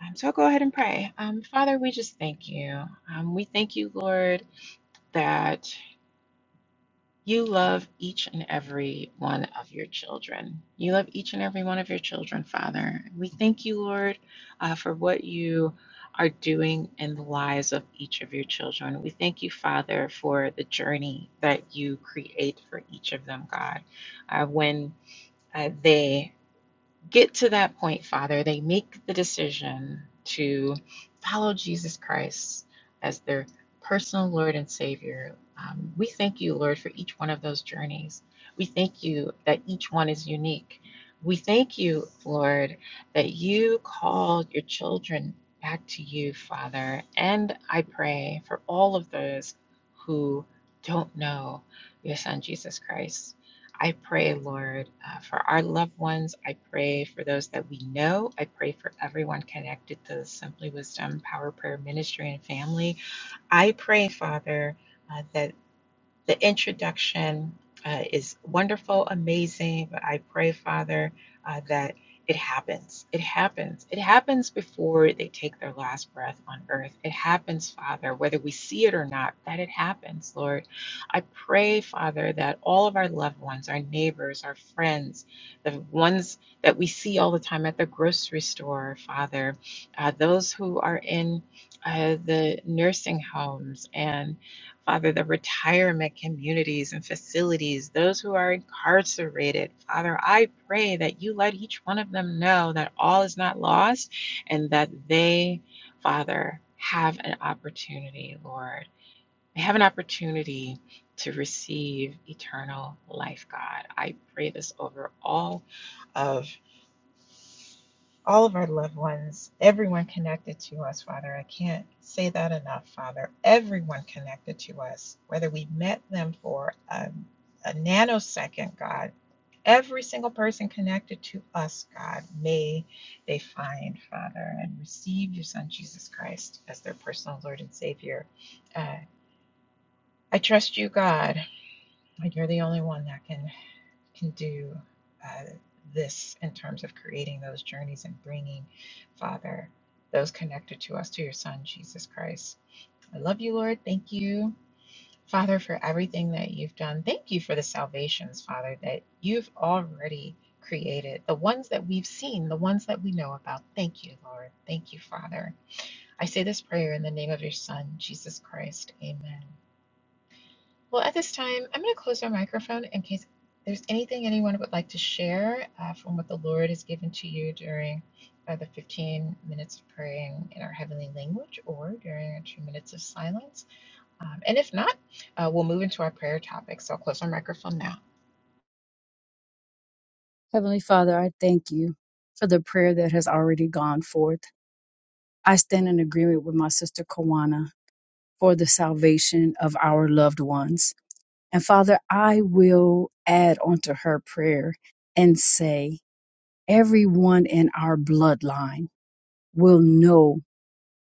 Speaker 1: Um, so I'll go ahead and pray. Um, Father, we just thank you. Um, we thank you, Lord, that. You love each and every one of your children. You love each and every one of your children, Father. We thank you, Lord, uh, for what you are doing in the lives of each of your children. We thank you, Father, for the journey that you create for each of them, God. Uh, when uh, they get to that point, Father. They make the decision to follow Jesus Christ as their personal Lord and Savior. Um, we thank you, Lord, for each one of those journeys. We thank you that each one is unique. We thank you, Lord, that you called your children back to you, Father. And I pray for all of those who don't know your Son, Jesus Christ. I pray, Lord, uh, for our loved ones. I pray for those that we know. I pray for everyone connected to the Simply Wisdom Power Prayer Ministry and family. I pray, Father. uh, that the introduction uh, is wonderful, amazing, but I pray, Father, uh, that it happens. It happens. It happens before they take their last breath on earth. It happens, Father, whether we see it or not, that it happens, Lord. I pray, Father, that all of our loved ones, our neighbors, our friends, the ones that we see all the time at the grocery store, Father, uh, those who are in uh, the nursing homes and Father, the retirement communities and facilities, those who are incarcerated. Father, I pray that you let each one of them know that all is not lost and that they, Father, have an opportunity, Lord. They have an opportunity to receive eternal life, God. I pray this over all of all of our loved ones, everyone connected to us, Father. I can't say that enough, Father. Everyone connected to us, whether we met them for a, a nanosecond, God, every single person connected to us, God, may they find, Father, and receive your Son, Jesus Christ, as their personal Lord and Savior. Uh, I trust you, God. and You're the only one that can can do uh, this in terms of creating those journeys and bringing, Father, those connected to us to your Son, Jesus Christ. I love you, Lord. Thank you, Father, for everything that you've done. Thank you for the salvations, Father, that you've already created, the ones that we've seen, the ones that we know about. Thank you, Lord. Thank you, Father. I say this prayer in the name of your Son, Jesus Christ. Amen. Well, at this time, I'm going to close our microphone in case there's anything anyone would like to share uh, from what the Lord has given to you during uh, the 15 minutes of praying in our heavenly language or during our two minutes of silence. Um, and if not, uh, we'll move into our prayer topic. So I'll close our microphone now.
Speaker 5: Heavenly Father, I thank you for the prayer that has already gone forth. I stand in agreement with my sister Kawana for the salvation of our loved ones. And Father, I will add onto her prayer and say, everyone in our bloodline will know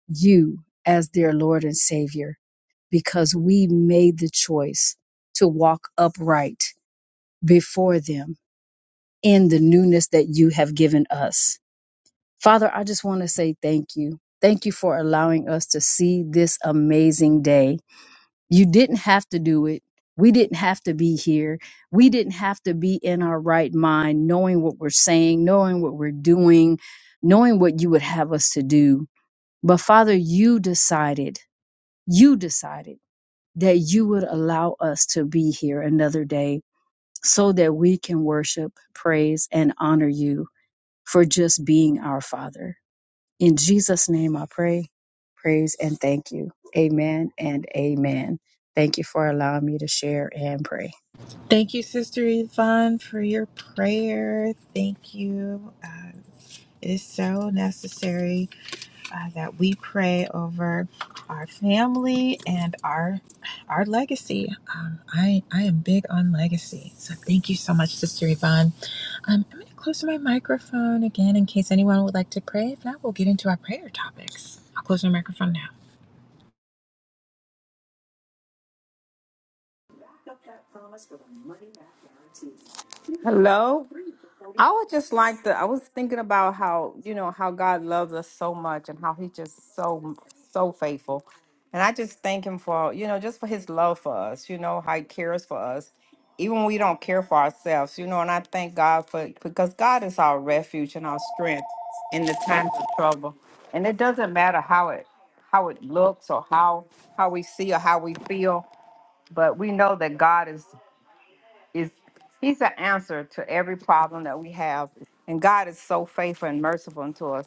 Speaker 5: you as their Lord and Savior because we made the choice to walk upright before them in the newness that you have given us. Father, I just want to say thank you. Thank you for allowing us to see this amazing day. You didn't have to do it. We didn't have to be here. We didn't have to be in our right mind, knowing what we're saying, knowing what we're doing, knowing what you would have us to do. But Father, you decided, you decided that you would allow us to be here another day so that we can worship, praise, and honor you for just being our Father. In Jesus' name I pray, praise, and thank you. Amen and amen. Thank you for allowing me to share and pray.
Speaker 1: Thank you, Sister Yvonne, for your prayer. Thank you. Um, it is so necessary. uh, that we pray over our family and our our legacy. Um, I I am big on legacy, so thank you so much, Sister Yvonne. Um, I'm going to close my microphone again in case anyone would like to pray. If not, we'll get into our prayer topics. I'll close my microphone now.
Speaker 6: Hello. I would just like to. I was thinking about how you know how God loves us so much and how He just so so faithful, and I just thank Him for you know just for His love for us. You know how He cares for us, even when we don't care for ourselves. You know, and I thank God for because God is our refuge and our strength in the times of trouble, and it doesn't matter how it how it looks or how how we see or how we feel, but we know that God is is he's the answer to every problem that we have and god is so faithful and merciful unto us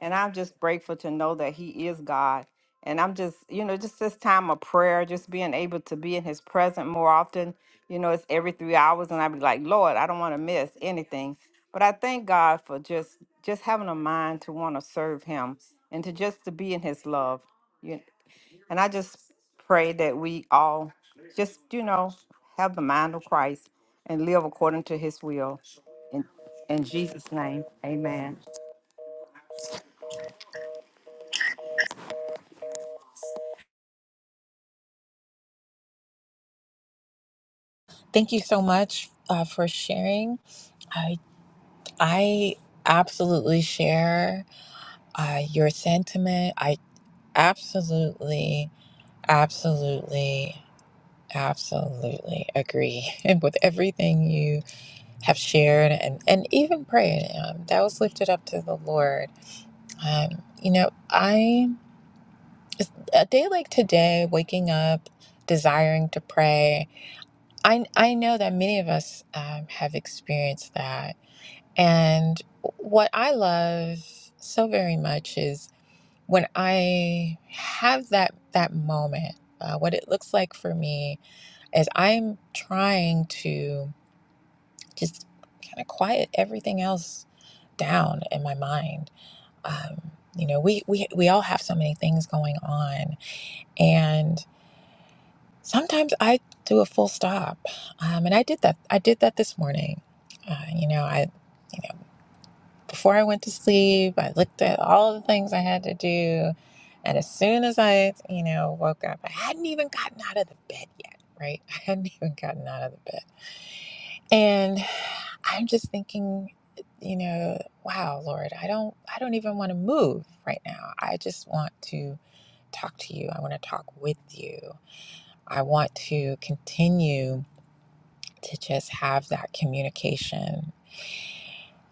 Speaker 6: and i'm just grateful to know that he is god and i'm just you know just this time of prayer just being able to be in his presence more often you know it's every three hours and i be like lord i don't want to miss anything but i thank god for just just having a mind to want to serve him and to just to be in his love and I just pray that we all just, you know, have the mind of Christ and live according to his will. In, in Jesus' name, amen.
Speaker 1: Thank you so much uh, for sharing. I I absolutely share uh, your sentiment. I absolutely absolutely. Absolutely agree with everything you have shared and, and even prayed. Um, that was lifted up to the Lord. Um, you know, I, a day like today, waking up, desiring to pray, I, I know that many of us um, have experienced that. And what I love so very much is when I have that, that moment, uh, what it looks like for me is I'm trying to just kind of quiet everything else down in my mind. Um, you know, we, we we all have so many things going on, and sometimes I do a full stop, um, and I did that. I did that this morning. Uh, you know, I you know before I went to sleep, I looked at all the things I had to do, and as soon as I you know woke up, I hadn't even gotten out of the bed yet. Right, I hadn't even gotten out of the bed And I'm just thinking, you know, wow, Lord, I don't I don't even want to move right now. I just want to talk to you. I want to talk with you. I want to continue to just have that communication.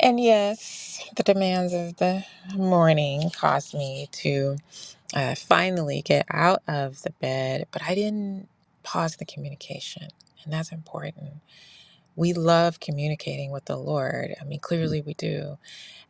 Speaker 1: And yes, the demands of the morning caused me to uh, finally get out of the bed, but I didn't pause the communication. And that's important. we love communicating with the Lord. I mean, clearly we do.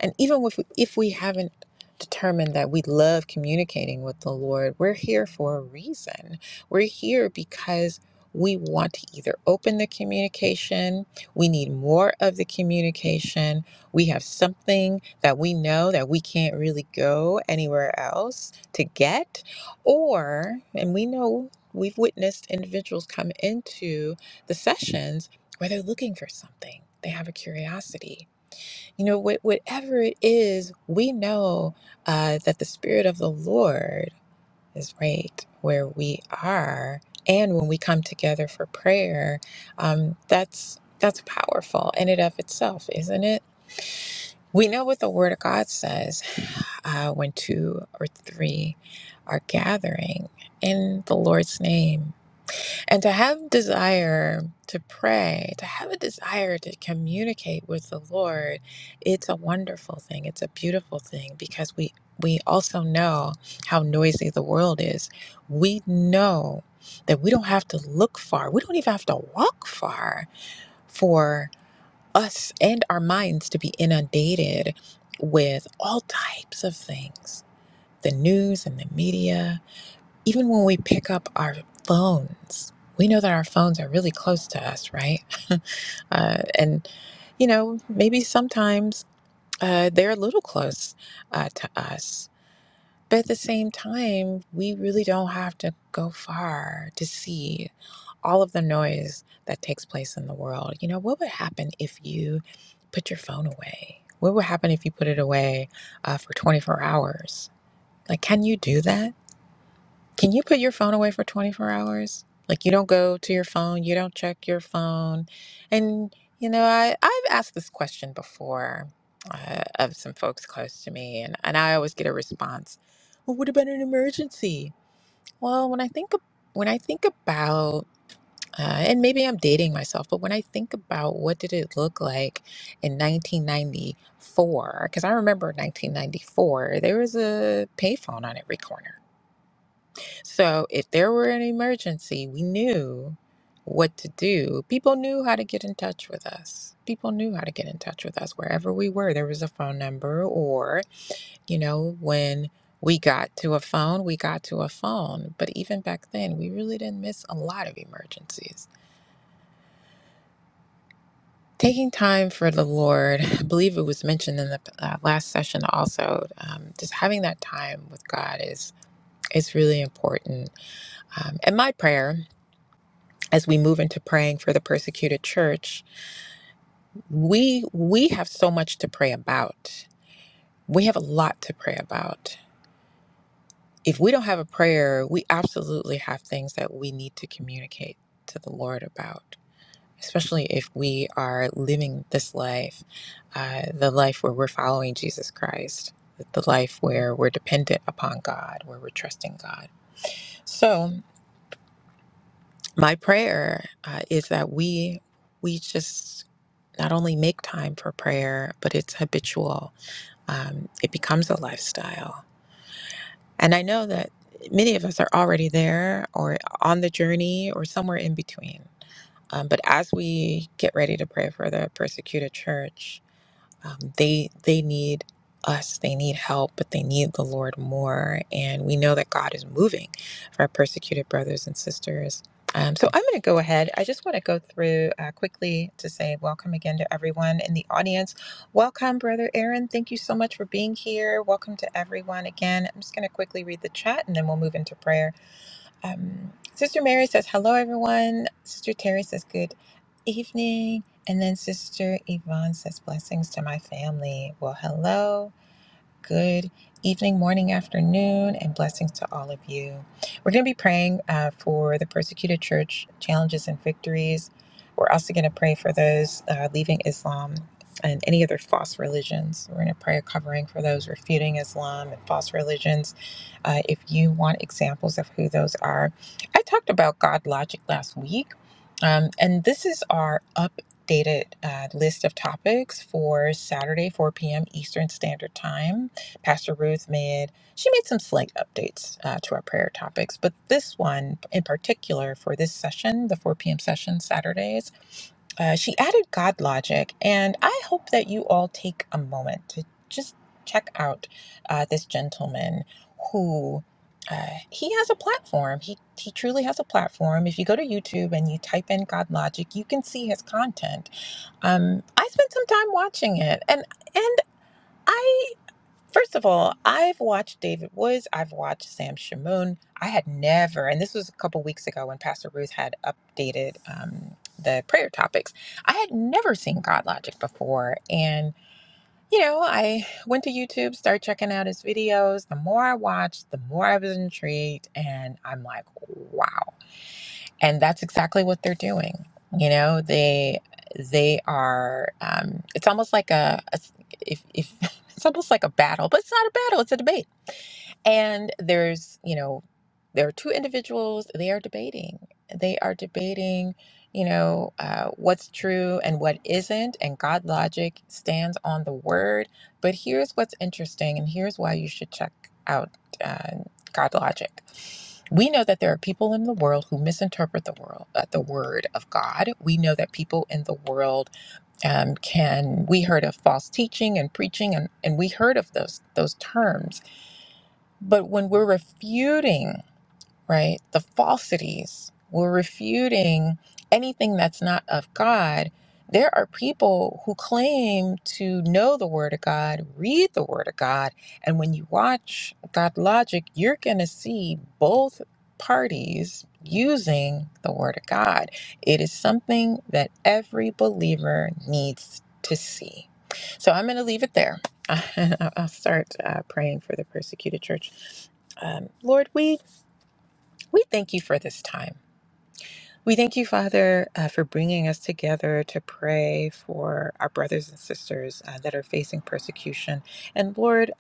Speaker 1: And even if, we, if we haven't determined that we love communicating with the Lord, we're here for a reason. We're here because we want to either open the communication, we need more of the communication, we have something that we know that we can't really go anywhere else to get, or, and we know we've witnessed individuals come into the sessions where they're looking for something, they have a curiosity you know, wh- whatever it is, we know uh, that the Spirit of the Lord is right where we are, and when we come together for prayer, um, that's that's powerful in and of itself, isn't it? We know what the Word of God says uh, when two or three are gathering in the Lord's name. And to have desire to pray, to have a desire to communicate with the Lord, it's a wonderful thing. It's a beautiful thing because we we also know how noisy the world is. We know that we don't have to look far. We don't even have to walk far for us and our minds to be inundated with all types of things. The news and the media, even when we pick up our phones, we know that our phones are really close to us, right? uh, and, you know, maybe sometimes uh, they're a little close uh, to us. But at the same time, we really don't have to go far to see all of the noise that takes place in the world. You know, what would happen if you put your phone away? What would happen if you put it away uh, for 24 hours? Like, can you do that? Can you put your phone away for 24 hours? Like you don't go to your phone, you don't check your phone. And you know, I I've asked this question before uh, of some folks close to me and and I always get a response. Well, what about an emergency? Well, when I think ab- when I think about uh, and maybe I'm dating myself, but when I think about what did it look like in 1994, because I remember 1994, there was a payphone on every corner so if there were an emergency, we knew what to do. People knew how to get in touch with us. People knew how to get in touch with us wherever we were. There was a phone number, or, you know, when we got to a phone, we got to a phone. But even back then, we really didn't miss a lot of emergencies. Taking time for the Lord, I believe it was mentioned in the uh, last session also, um, just having that time with God is, is really important. Um, and my prayer as we move into praying for the persecuted church, we we have so much to pray about. We have a lot to pray about. If we don't have a prayer, we absolutely have things that we need to communicate to the Lord about, especially if we are living this life, uh, the life where we're following Jesus Christ, the life where we're dependent upon God, where we're trusting God. So, my prayer uh, is that we we just not only make time for prayer, but it's habitual. Um, it becomes a lifestyle. And I know that many of us are already there or on the journey or somewhere in between. Um, but as we get ready to pray for the persecuted church, um, they they need us they need help but they need the lord more and we know that god is moving for our persecuted brothers and sisters um, so i'm going to go ahead i just want to go through uh, quickly to say welcome again to everyone in the audience welcome brother aaron thank you so much for being here welcome to everyone again i'm just going to quickly read the chat and then we'll move into prayer um, Sister Mary says, Hello, everyone. Sister Terry says, Good evening. And then Sister Yvonne says, Blessings to my family. Well, hello. Good evening, morning, afternoon, and blessings to all of you. We're going to be praying uh, for the persecuted church challenges and victories. We're also going to pray for those uh, leaving Islam and any other false religions. We're going to pray a covering for those refuting Islam and false religions. Uh, if you want examples of who those are, I talked about God logic last week, um, and this is our updated uh, list of topics for Saturday, 4 p.m. Eastern Standard Time. Pastor Ruth made. She made some slight updates uh, to our prayer topics, but this one in particular for this session, the 4 p.m. session Saturdays, uh, she added God logic. And I hope that you all take a moment to just check out uh, this gentleman who. Uh, he has a platform. He he truly has a platform. If you go to YouTube and you type in God Logic, you can see his content. Um, I spent some time watching it, and and I First of all, I've watched David Woods. I've watched Sam Shamoon. I had never, and this was a couple weeks ago when Pastor Ruth had updated um, the prayer topics. I had never seen God Logic before, and you know, I went to YouTube, started checking out his videos. The more I watched, the more I was intrigued, and I'm like, wow and that's exactly what they're doing you know they they are um, it's almost like a, a- if, if it's almost like a battle but it's not a battle it's a debate and there's, you know, there are two individuals, they are debating. They are debating, you know, uh, what's true and what isn't. And God logic stands on the word. But here's what's interesting, and here's why you should check out uh, God logic. We know that there are people in the world who misinterpret the world, uh, the word of God. We know that people in the world um, can. We heard of false teaching and preaching, and, and we heard of those those terms but when we're refuting, right? The falsities. We're refuting anything that's not of God. There are people who claim to know the Word of God, read the Word of God, and when you watch God Logic, you're going to see both parties using the Word of God. It is something that every believer needs to see. So I'm going to leave it there. I'll start uh, praying for the persecuted church. Um, Lord, we we thank you for this time. We thank you, Father, uh, for bringing us together to pray for our brothers and sisters uh, that are facing persecution. And Lord,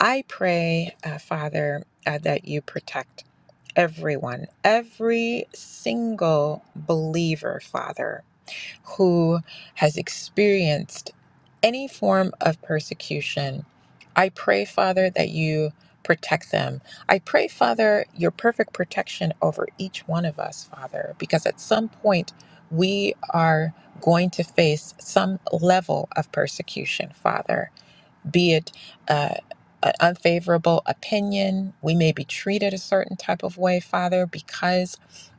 Speaker 1: I pray, uh, Father, uh, that you protect everyone, every single believer, Father who has experienced any form of persecution. I pray, Father, that you protect them. I pray, Father, your perfect protection over each one of us, Father, because at some point we are going to face some level of persecution, Father, be it uh, an unfavorable opinion. We may be treated a certain type of way, Father, because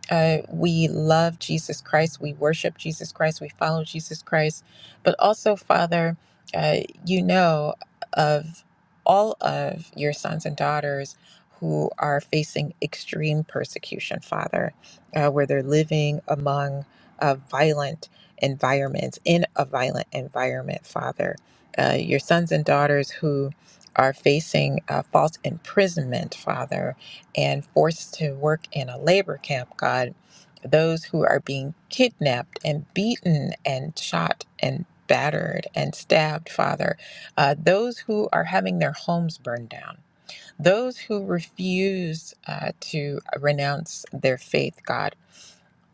Speaker 1: uh, we love Jesus Christ. We worship Jesus Christ. We follow Jesus Christ. But also, Father, uh, you know of all of your sons and daughters who are facing extreme persecution, Father, uh, where they're living among uh, violent environments, in a violent environment, Father. Uh, your sons and daughters who are facing uh, false imprisonment, Father, and forced to work in a labor camp, God, those who are being kidnapped and beaten and shot and battered and stabbed, Father, uh, those who are having their homes burned down, those who refuse uh, to renounce their faith, God.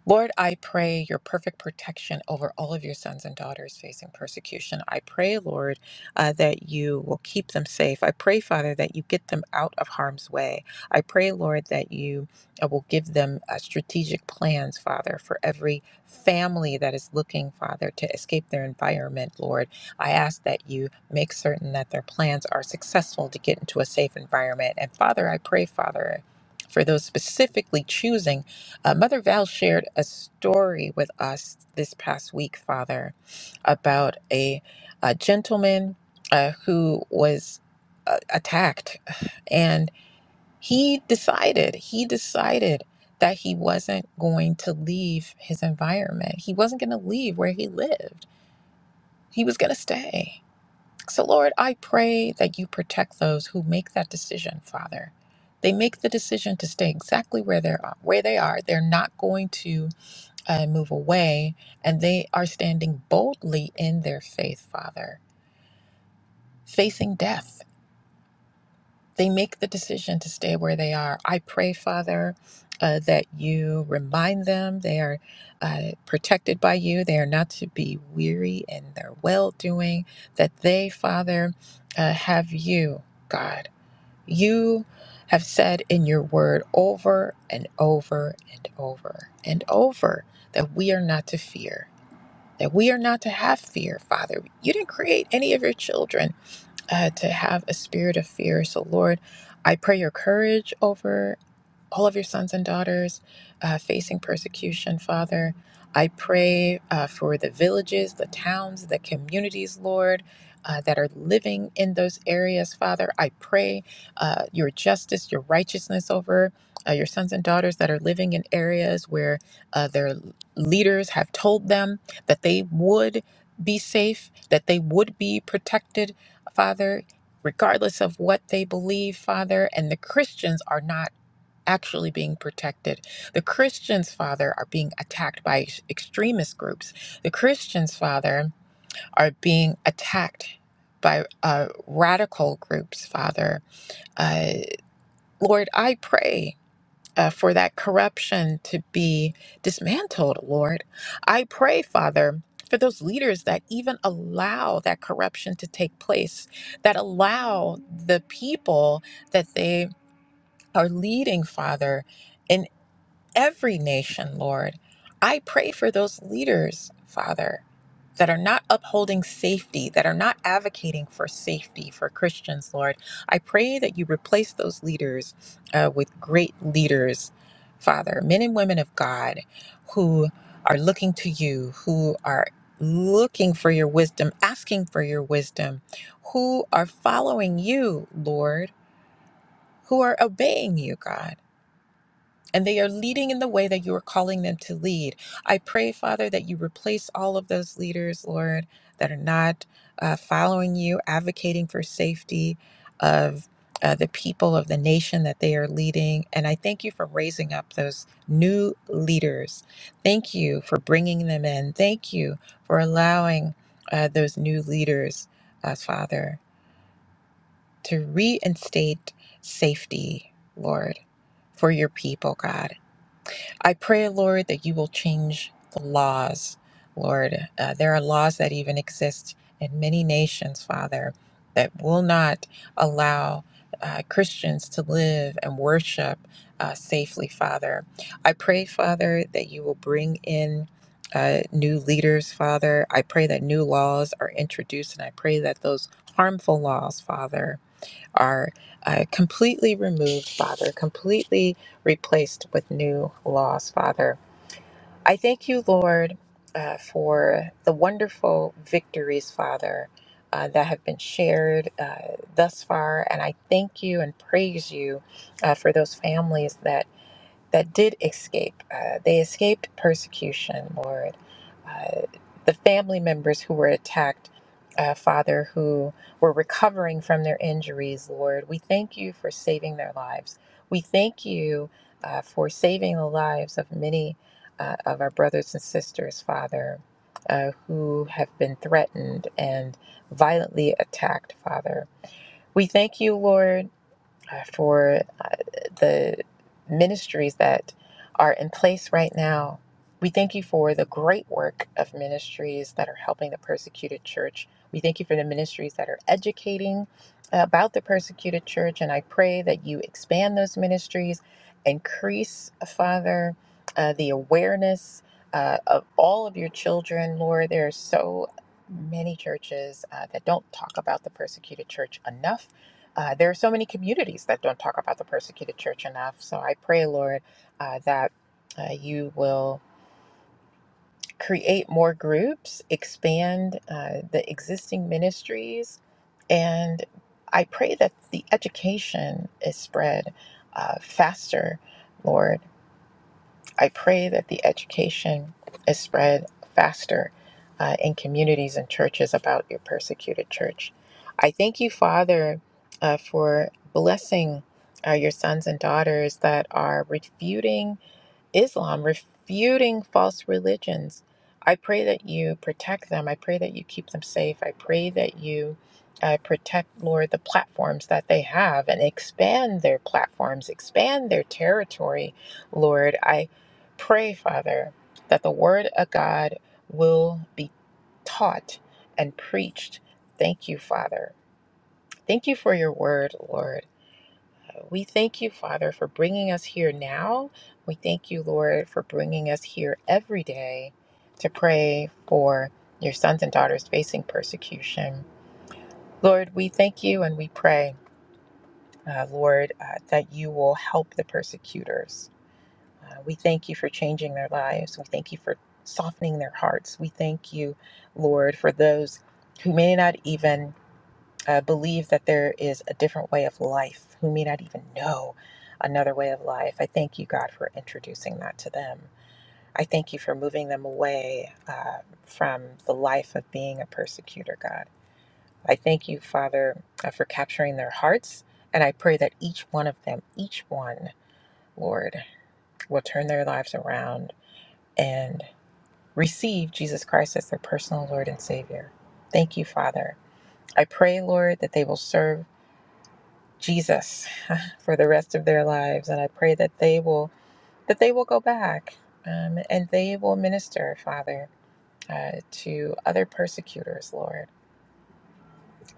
Speaker 1: Lord, I pray your perfect protection over all of your sons and daughters facing persecution. I pray, Lord, uh, that you will keep them safe. I pray, Father, that you get them out of harm's way. I pray, Lord, that you uh, will give them uh, strategic plans, Father, for every family that is looking, Father, to escape their environment, Lord. I ask that you make certain that their plans are successful to get into a safe environment. And Father, I pray, Father, for those specifically choosing uh, Mother Val shared a story with us this past week, Father, about a, a gentleman uh, who was uh, attacked. And he decided, he decided that he wasn't going to leave his environment. He wasn't going to leave where he lived, he was going to stay. So, Lord, I pray that you protect those who make that decision, Father. They make the decision to stay exactly where they are. Where they are, they're not going to and move away, and they are standing boldly in their faith, Father, facing death. They make the decision to stay where they are. I pray, Father, uh, that you remind them they are uh, protected by you. They are not to be weary in their well doing, that they, Father, uh, have you, God. You have said in your word over and over and over and over that we are not to fear that we are not to have fear, Father. You didn't create any of your children uh, to have a spirit of fear. So, Lord, I pray your courage over all of your sons and daughters uh, facing persecution, Father. I pray uh, for the villages, the towns, the communities, Lord, uh, that are living in those areas, Father. I pray uh, your justice, your righteousness over uh, your sons and daughters that are living in areas where uh, their leaders have told them that they would be safe, that they would be protected, Father. Regardless of what they believe, Father, and the Christians are not actually being protected. The Christians, Father, are being attacked by ex- extremist groups. The Christians, Father, are being attacked by uh, radical groups, Father. Uh, Lord, I pray. Uh, for that corruption to be dismantled, Lord. I pray, Father, for those leaders that even allow that corruption to take place, that allow the people that they are leading, Father every nation, Lord. I pray for those leaders, Father, that are not upholding safety, that are not advocating for safety for Christians, Lord. I pray that you replace those leaders uh, with great leaders, Father, men and women of God who are looking to you, who are looking for your wisdom, asking for your wisdom, who are following you, Lord, who are obeying you, God and they are leading in the way that you are calling them to lead. I pray, Father, that you replace all of those leaders, Lord, that are not uh, following you, advocating for safety of uh, the people of the nation that they are leading. And I thank you for raising up those new leaders. Thank you for bringing them in. Thank you for allowing uh, those new leaders, uh, Father, to reinstate safety, Lord, for your people, God. I pray, Lord, that you will change the laws, Lord. Uh, there are laws that even exist in many nations, Father, that will not allow uh, Christians to live and worship uh, safely, Father. I pray, Father, that you will bring in. Uh, new leaders, Father. I pray that new laws are introduced and I pray that those harmful laws, Father, are uh, completely removed, Father, completely replaced with new laws, Father. I thank you, Lord, uh, for the wonderful victories, Father, uh, that have been shared uh, thus far. And I thank you and praise you uh, for those families that that did escape. Uh, they escaped persecution, Lord. Uh, the family members who were attacked, uh, Father, who were recovering from their injuries, Lord, we thank you for saving their lives. We thank you uh, for saving the lives of many uh, of our brothers and sisters, Father, uh, who have been threatened and violently attacked, Father. We thank you, Lord uh, for uh, the ministries that are in place right now. We thank you for the great work of ministries that are helping the persecuted church. We thank you for the ministries that are educating about the persecuted church. And I pray that you expand those ministries, increase, uh, Father, uh, the awareness uh, of all of your children. Lord, there are so many churches uh, that don't talk about the persecuted church enough uh, there are so many communities that don't talk about the persecuted church enough. So I pray, Lord, uh, that uh, you will create more groups, expand uh, the existing ministries, and I pray that the education is spread uh, faster, Lord. I pray that the education is spread faster uh, in communities and churches about your persecuted church. I thank you, Father, uh, for blessing uh, your sons and daughters that are refuting. Islam, refuting false religions. I pray that you protect them. I pray that you keep them safe. I pray that you uh, protect, Lord, the platforms that they have and expand their platforms, expand their territory, Lord. I pray, Father, that the word of God will be taught and preached. Thank you, Father. Thank you for your word, Lord. We thank you, Father, for bringing us here now. We thank you, Lord, for bringing us here every day to pray for your sons and daughters facing persecution. Lord, we thank you and we pray, uh, Lord, uh, that you will help the persecutors. Uh, we thank you for changing their lives. We thank you for softening their hearts. We thank you, Lord, for those who may not even uh, believe that there is a different way of life, who may not even know another way of life. I thank you, God, for introducing that to them. I thank you for moving them away uh, from the life of being a persecutor, God. I thank you, Father, uh, for capturing their hearts. And I pray that each one of them, each one, Lord, will turn their lives around and receive Jesus Christ as their personal Lord and Savior. Thank you, Father. I pray, Lord, that they will serve Jesus for the rest of their lives. And I pray that they will that they will go back um, and they will minister, Father, uh, to other persecutors, Lord.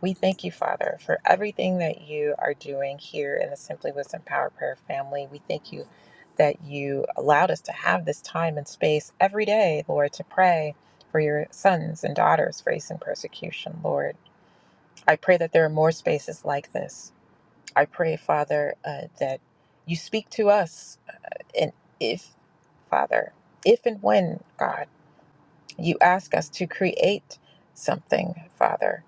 Speaker 1: We thank you, Father, for everything that you are doing here in the Simply Wisdom Power Prayer family. We thank you that you allowed us to have this time and space every day, Lord, to pray for your sons and daughters facing persecution, Lord. I pray that there are more spaces like this I pray, Father, uh, that you speak to us. uh, And if, Father, if and when, God, you ask us to create something, Father,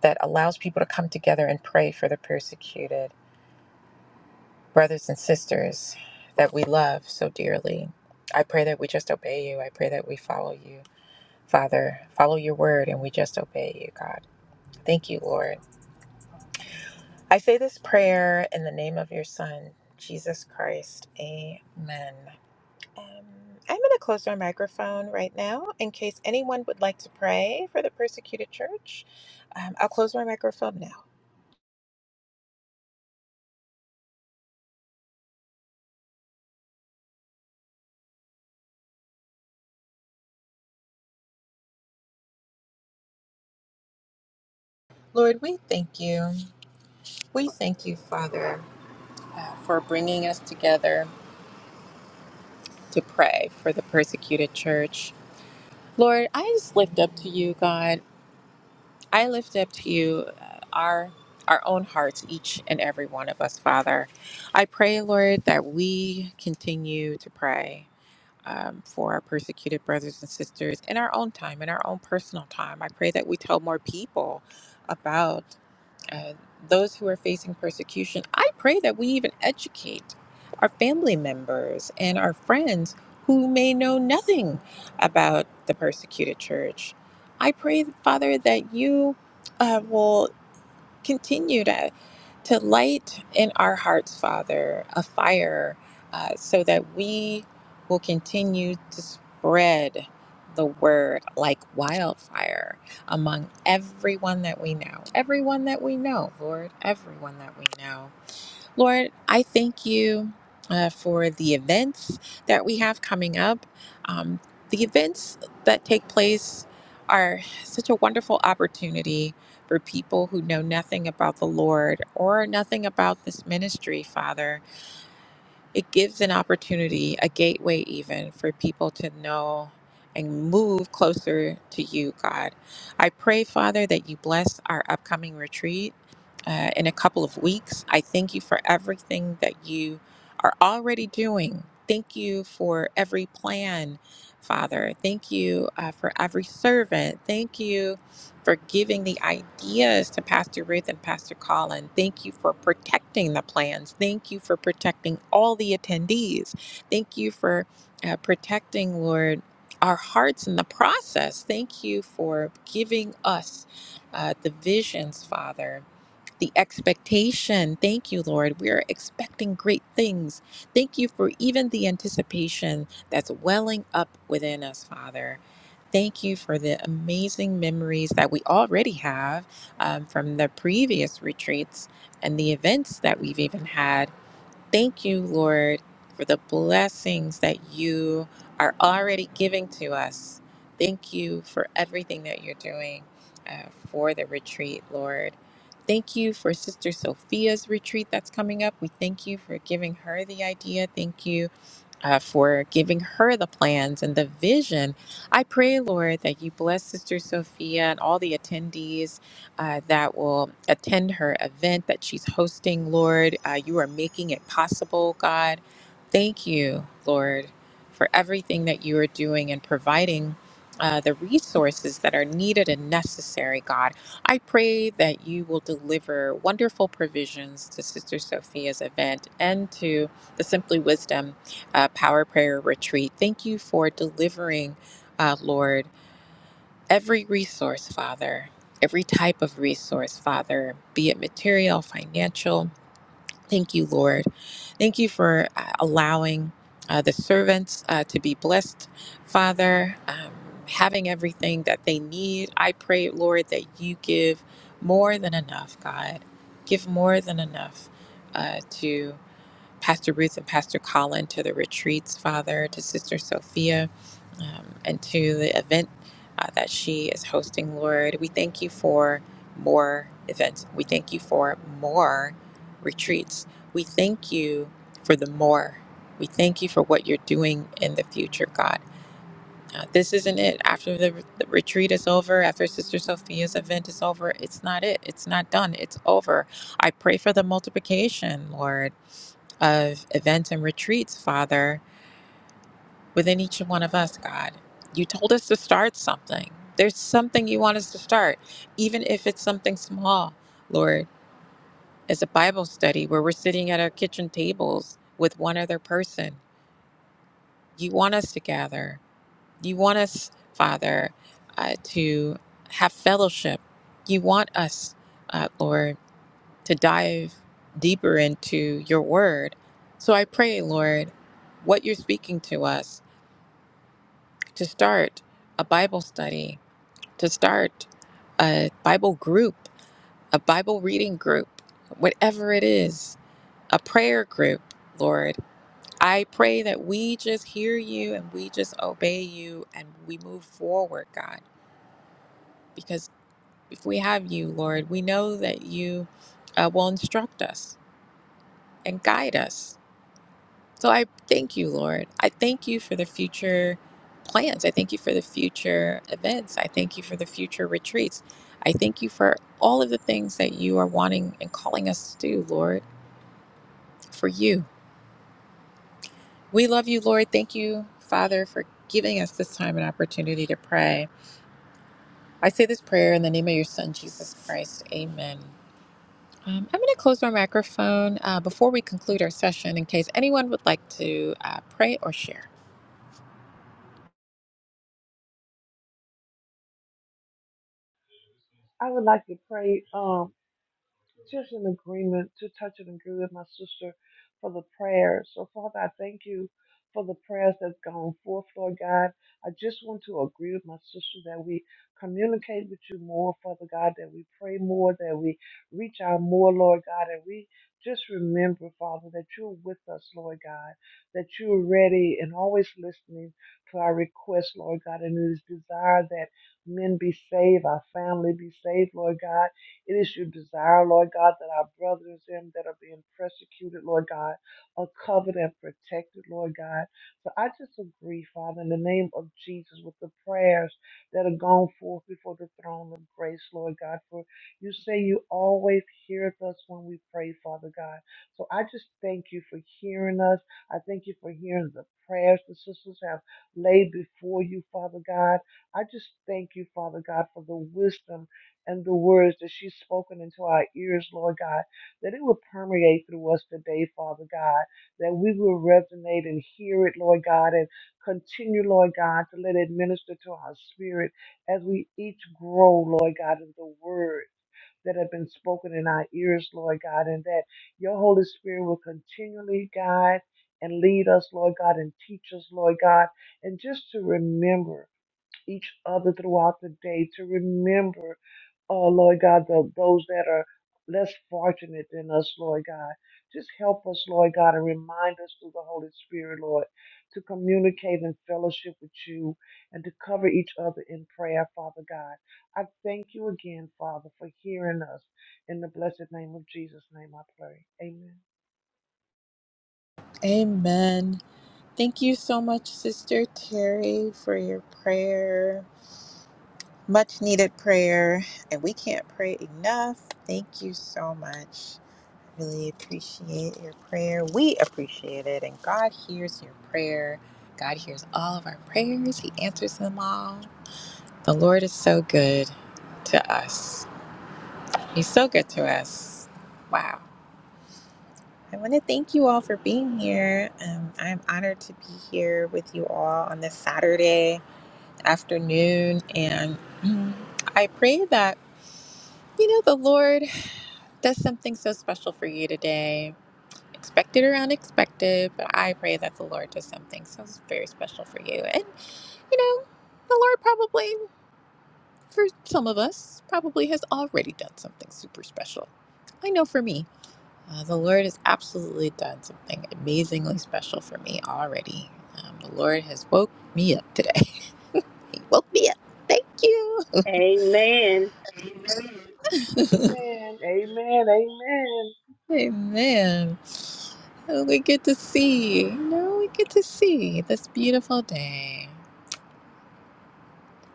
Speaker 1: that allows people to come together and pray for the persecuted brothers and sisters that we love so dearly, I pray that we just obey you. I pray that we follow you, Father, follow your word, and we just obey you, God. Thank you, Lord. I say this prayer in the name of your Son, Jesus Christ. Amen. Um, I'm going to close our microphone right now in case anyone would like to pray for the persecuted church. Um, I'll close my microphone now. Lord, we thank you. We thank you, Father, uh, for bringing us together to pray for the persecuted church. Lord, I just lift up to you, God. I lift up to you uh, our our own hearts, each and every one of us, Father. I pray, Lord, that we continue to pray. um, for our persecuted brothers and sisters in our own time, in our own personal time. I pray that we tell more people about uh, those who are facing persecution. I pray that we even educate our family members and our friends who may know nothing about the persecuted church. I pray, Father, that you. Uh, will continue to to light in our hearts, Father, a fire uh, so that we will continue to spread the word like wildfire among everyone that we know. Everyone that we know, Lord, everyone that we know. Lord, I thank you uh, for the events that we have coming up. Um, the events that take place are such a wonderful opportunity for people who know nothing about the Lord or nothing about this ministry, Father it gives an opportunity, a gateway even for people to know and move closer to you, God. I pray, Father, that you bless our upcoming retreat uh, in a couple of weeks. I thank you for everything that you are already doing. Thank you for every plan, Father. Thank you uh, for every servant. Thank you for giving the ideas to Pastor Ruth and Pastor Colin. Thank you for protecting the plans. Thank you for protecting all the attendees. Thank you for uh, protecting, Lord, our hearts in the process. Thank you for giving us uh, the visions, Father the expectation. Thank you, Lord. We are expecting great things. Thank you for even the anticipation that's welling up within us, Father. Thank you for the amazing memories that we already have um, from the previous retreats and the events that we've even had. Thank you, Lord, for the blessings that you are already giving to us. Thank you for everything that you're doing uh, for the retreat, Lord. Thank you for Sister Sophia's retreat that's coming up. We thank you for giving her the idea. Thank you uh, for giving her the plans and the vision. I pray, Lord, that you bless Sister Sophia and all the attendees uh, that will attend her event that she's hosting, Lord. Uh, you are making it possible, God. Thank you, Lord, for everything that you are doing and providing. Uh, the resources that are needed and necessary, God. I pray that you will deliver wonderful provisions to Sister Sophia's event and to the Simply Wisdom uh, Power Prayer Retreat. Thank you for delivering, uh, Lord, every resource, Father, every type of resource, Father, be it material, financial. Thank you, Lord. Thank you for uh, allowing uh, the servants uh, to be blessed, Father, um, having everything that they need. I pray, Lord, that you give more than enough, God. Give more than enough uh, to. Pastor Ruth and Pastor Colin to the retreats, Father, to Sister Sophia, um, and to the event uh, that she is hosting, Lord. We thank you for more events. We thank you for more retreats. We thank you for the more. We thank you for what you're doing in the future, God. Uh, this isn't it. After the, the retreat is over, after Sister Sophia's event is over, it's not it. It's not done. It's over. I pray for the multiplication, Lord of events and retreats, Father, within each one of us, God. You told us to start something. There's something you want us to start, even if it's something small, Lord. As a Bible study where we're sitting at our kitchen tables with one other person, you want us to gather. You want us, Father, uh, to have fellowship. You want us, uh, Lord, to dive deeper into your word. So I pray, Lord, what you're speaking to us. to start a Bible study, to start a Bible group, a Bible reading group, whatever it is, a prayer group, Lord. I pray that we just hear you and we just obey you and we move forward, God, because if we have you, Lord, we know that you uh, will instruct us and guide us So I thank you, Lord. I thank you for the future plans. I thank you for the future events. I thank you for the future retreats. I thank you for all of the things that you are wanting and calling us to do, Lord, for you. We love you, Lord. Thank you, Father, for giving us this time and opportunity to pray. I say this prayer in the name of your Son, Jesus Christ. Amen. Um, I'm going to close my microphone uh, before we conclude our session in case anyone would like to uh, pray or share.
Speaker 7: I would like to pray. Um, just an agreement to touch and agree with my sister for the prayers. So, Father, I thank you for the prayers that's gone forth, Lord God. I just want to agree with my sister that we communicate with you more, Father God, that we pray more, that we reach out more, Lord God, and we just remember, Father, that you're with us, Lord God, that you're ready and always listening to our requests, Lord God, and it is desire that men be saved, our family be saved, Lord God it is your desire, Lord God, that our brothers and that are being persecuted, Lord God, are covered and protected, Lord God. So I just agree, Father, in the name of Jesus, with the prayers that are gone forth before the throne of grace, Lord God. For you say you always hear us when we pray, Father God. So I just thank you for hearing us. I thank you for hearing the prayers the sisters have laid before you, Father God. I just thank you, Father God, for the wisdom and the words that she's spoken into our ears, Lord God, that it will permeate through us today, Father God, that we will resonate and hear it, Lord God, and continue, Lord God, to let it minister to our spirit as we each grow, Lord God, in the words That have been spoken in our ears, Lord God, and that your Holy Spirit will continually guide and lead us, Lord God, and teach us, Lord God, and just to remember each other throughout the day to remember, oh Lord God, the, those that are less fortunate than us, Lord God. Just help us, Lord God, and remind us through the Holy Spirit, Lord, to communicate and fellowship with you and to cover each other in prayer, Father God. I thank you again, Father, for hearing us. In the blessed name of Jesus' name I pray. Amen.
Speaker 1: Amen. Thank you so much, Sister Terry, for your prayer. Much needed prayer, and we can't pray enough. Thank you so much. Really appreciate your prayer. We appreciate it, and God hears your prayer. God hears all of our prayers, He answers them all. The Lord is so good to us. He's so good to us. Wow. I want to thank you all for being here. Um, I'm honored to be here with you all on this Saturday. afternoon. And mm, I pray that, you know, the Lord does something so special for you today, expected or unexpected. But I pray that the Lord does something so very special for you. And, you know, the Lord probably, for some of us, probably has already done something super special. I know for me, uh, the Lord has absolutely done something amazingly special for me already. Um, the Lord has woke me up today. He woke me up. Thank you.
Speaker 3: Amen.
Speaker 7: Amen. Amen. Amen.
Speaker 1: Amen. Oh, we get to see, you know, we get to see this beautiful day.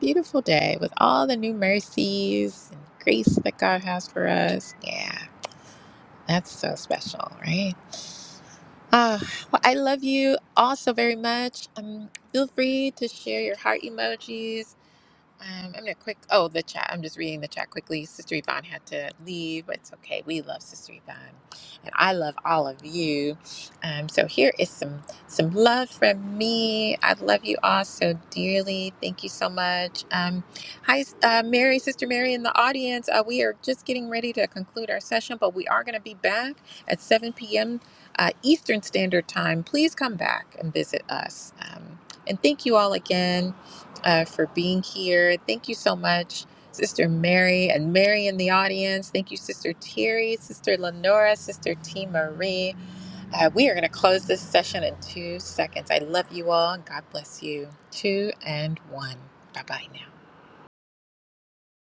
Speaker 1: Beautiful day with all the new mercies and grace that God has for us. Yeah, that's so special, right? Ah, well, I love you all so very much. Um, feel free to share your heart emojis Um, I'm gonna quick. Oh, the chat. I'm just reading the chat quickly. Sister Yvonne had to leave, but it's okay. We love Sister Yvonne, and I love all of you. Um, so here is some some love from me. I love you all so dearly. Thank you so much. Um, hi, uh, Mary, Sister Mary in the audience. Uh, we are just getting ready to conclude our session, but we are gonna be back at 7 p.m. Uh, Eastern Standard Time. Please come back and visit us. Um, and thank you all again uh, for being here. Thank you so much, Sister Mary and Mary in the audience. Thank you, Sister Terry, Sister Lenora, Sister T. Marie. Uh, we are going to close this session in two seconds. I love you all and God bless you. Two and one. Bye bye now.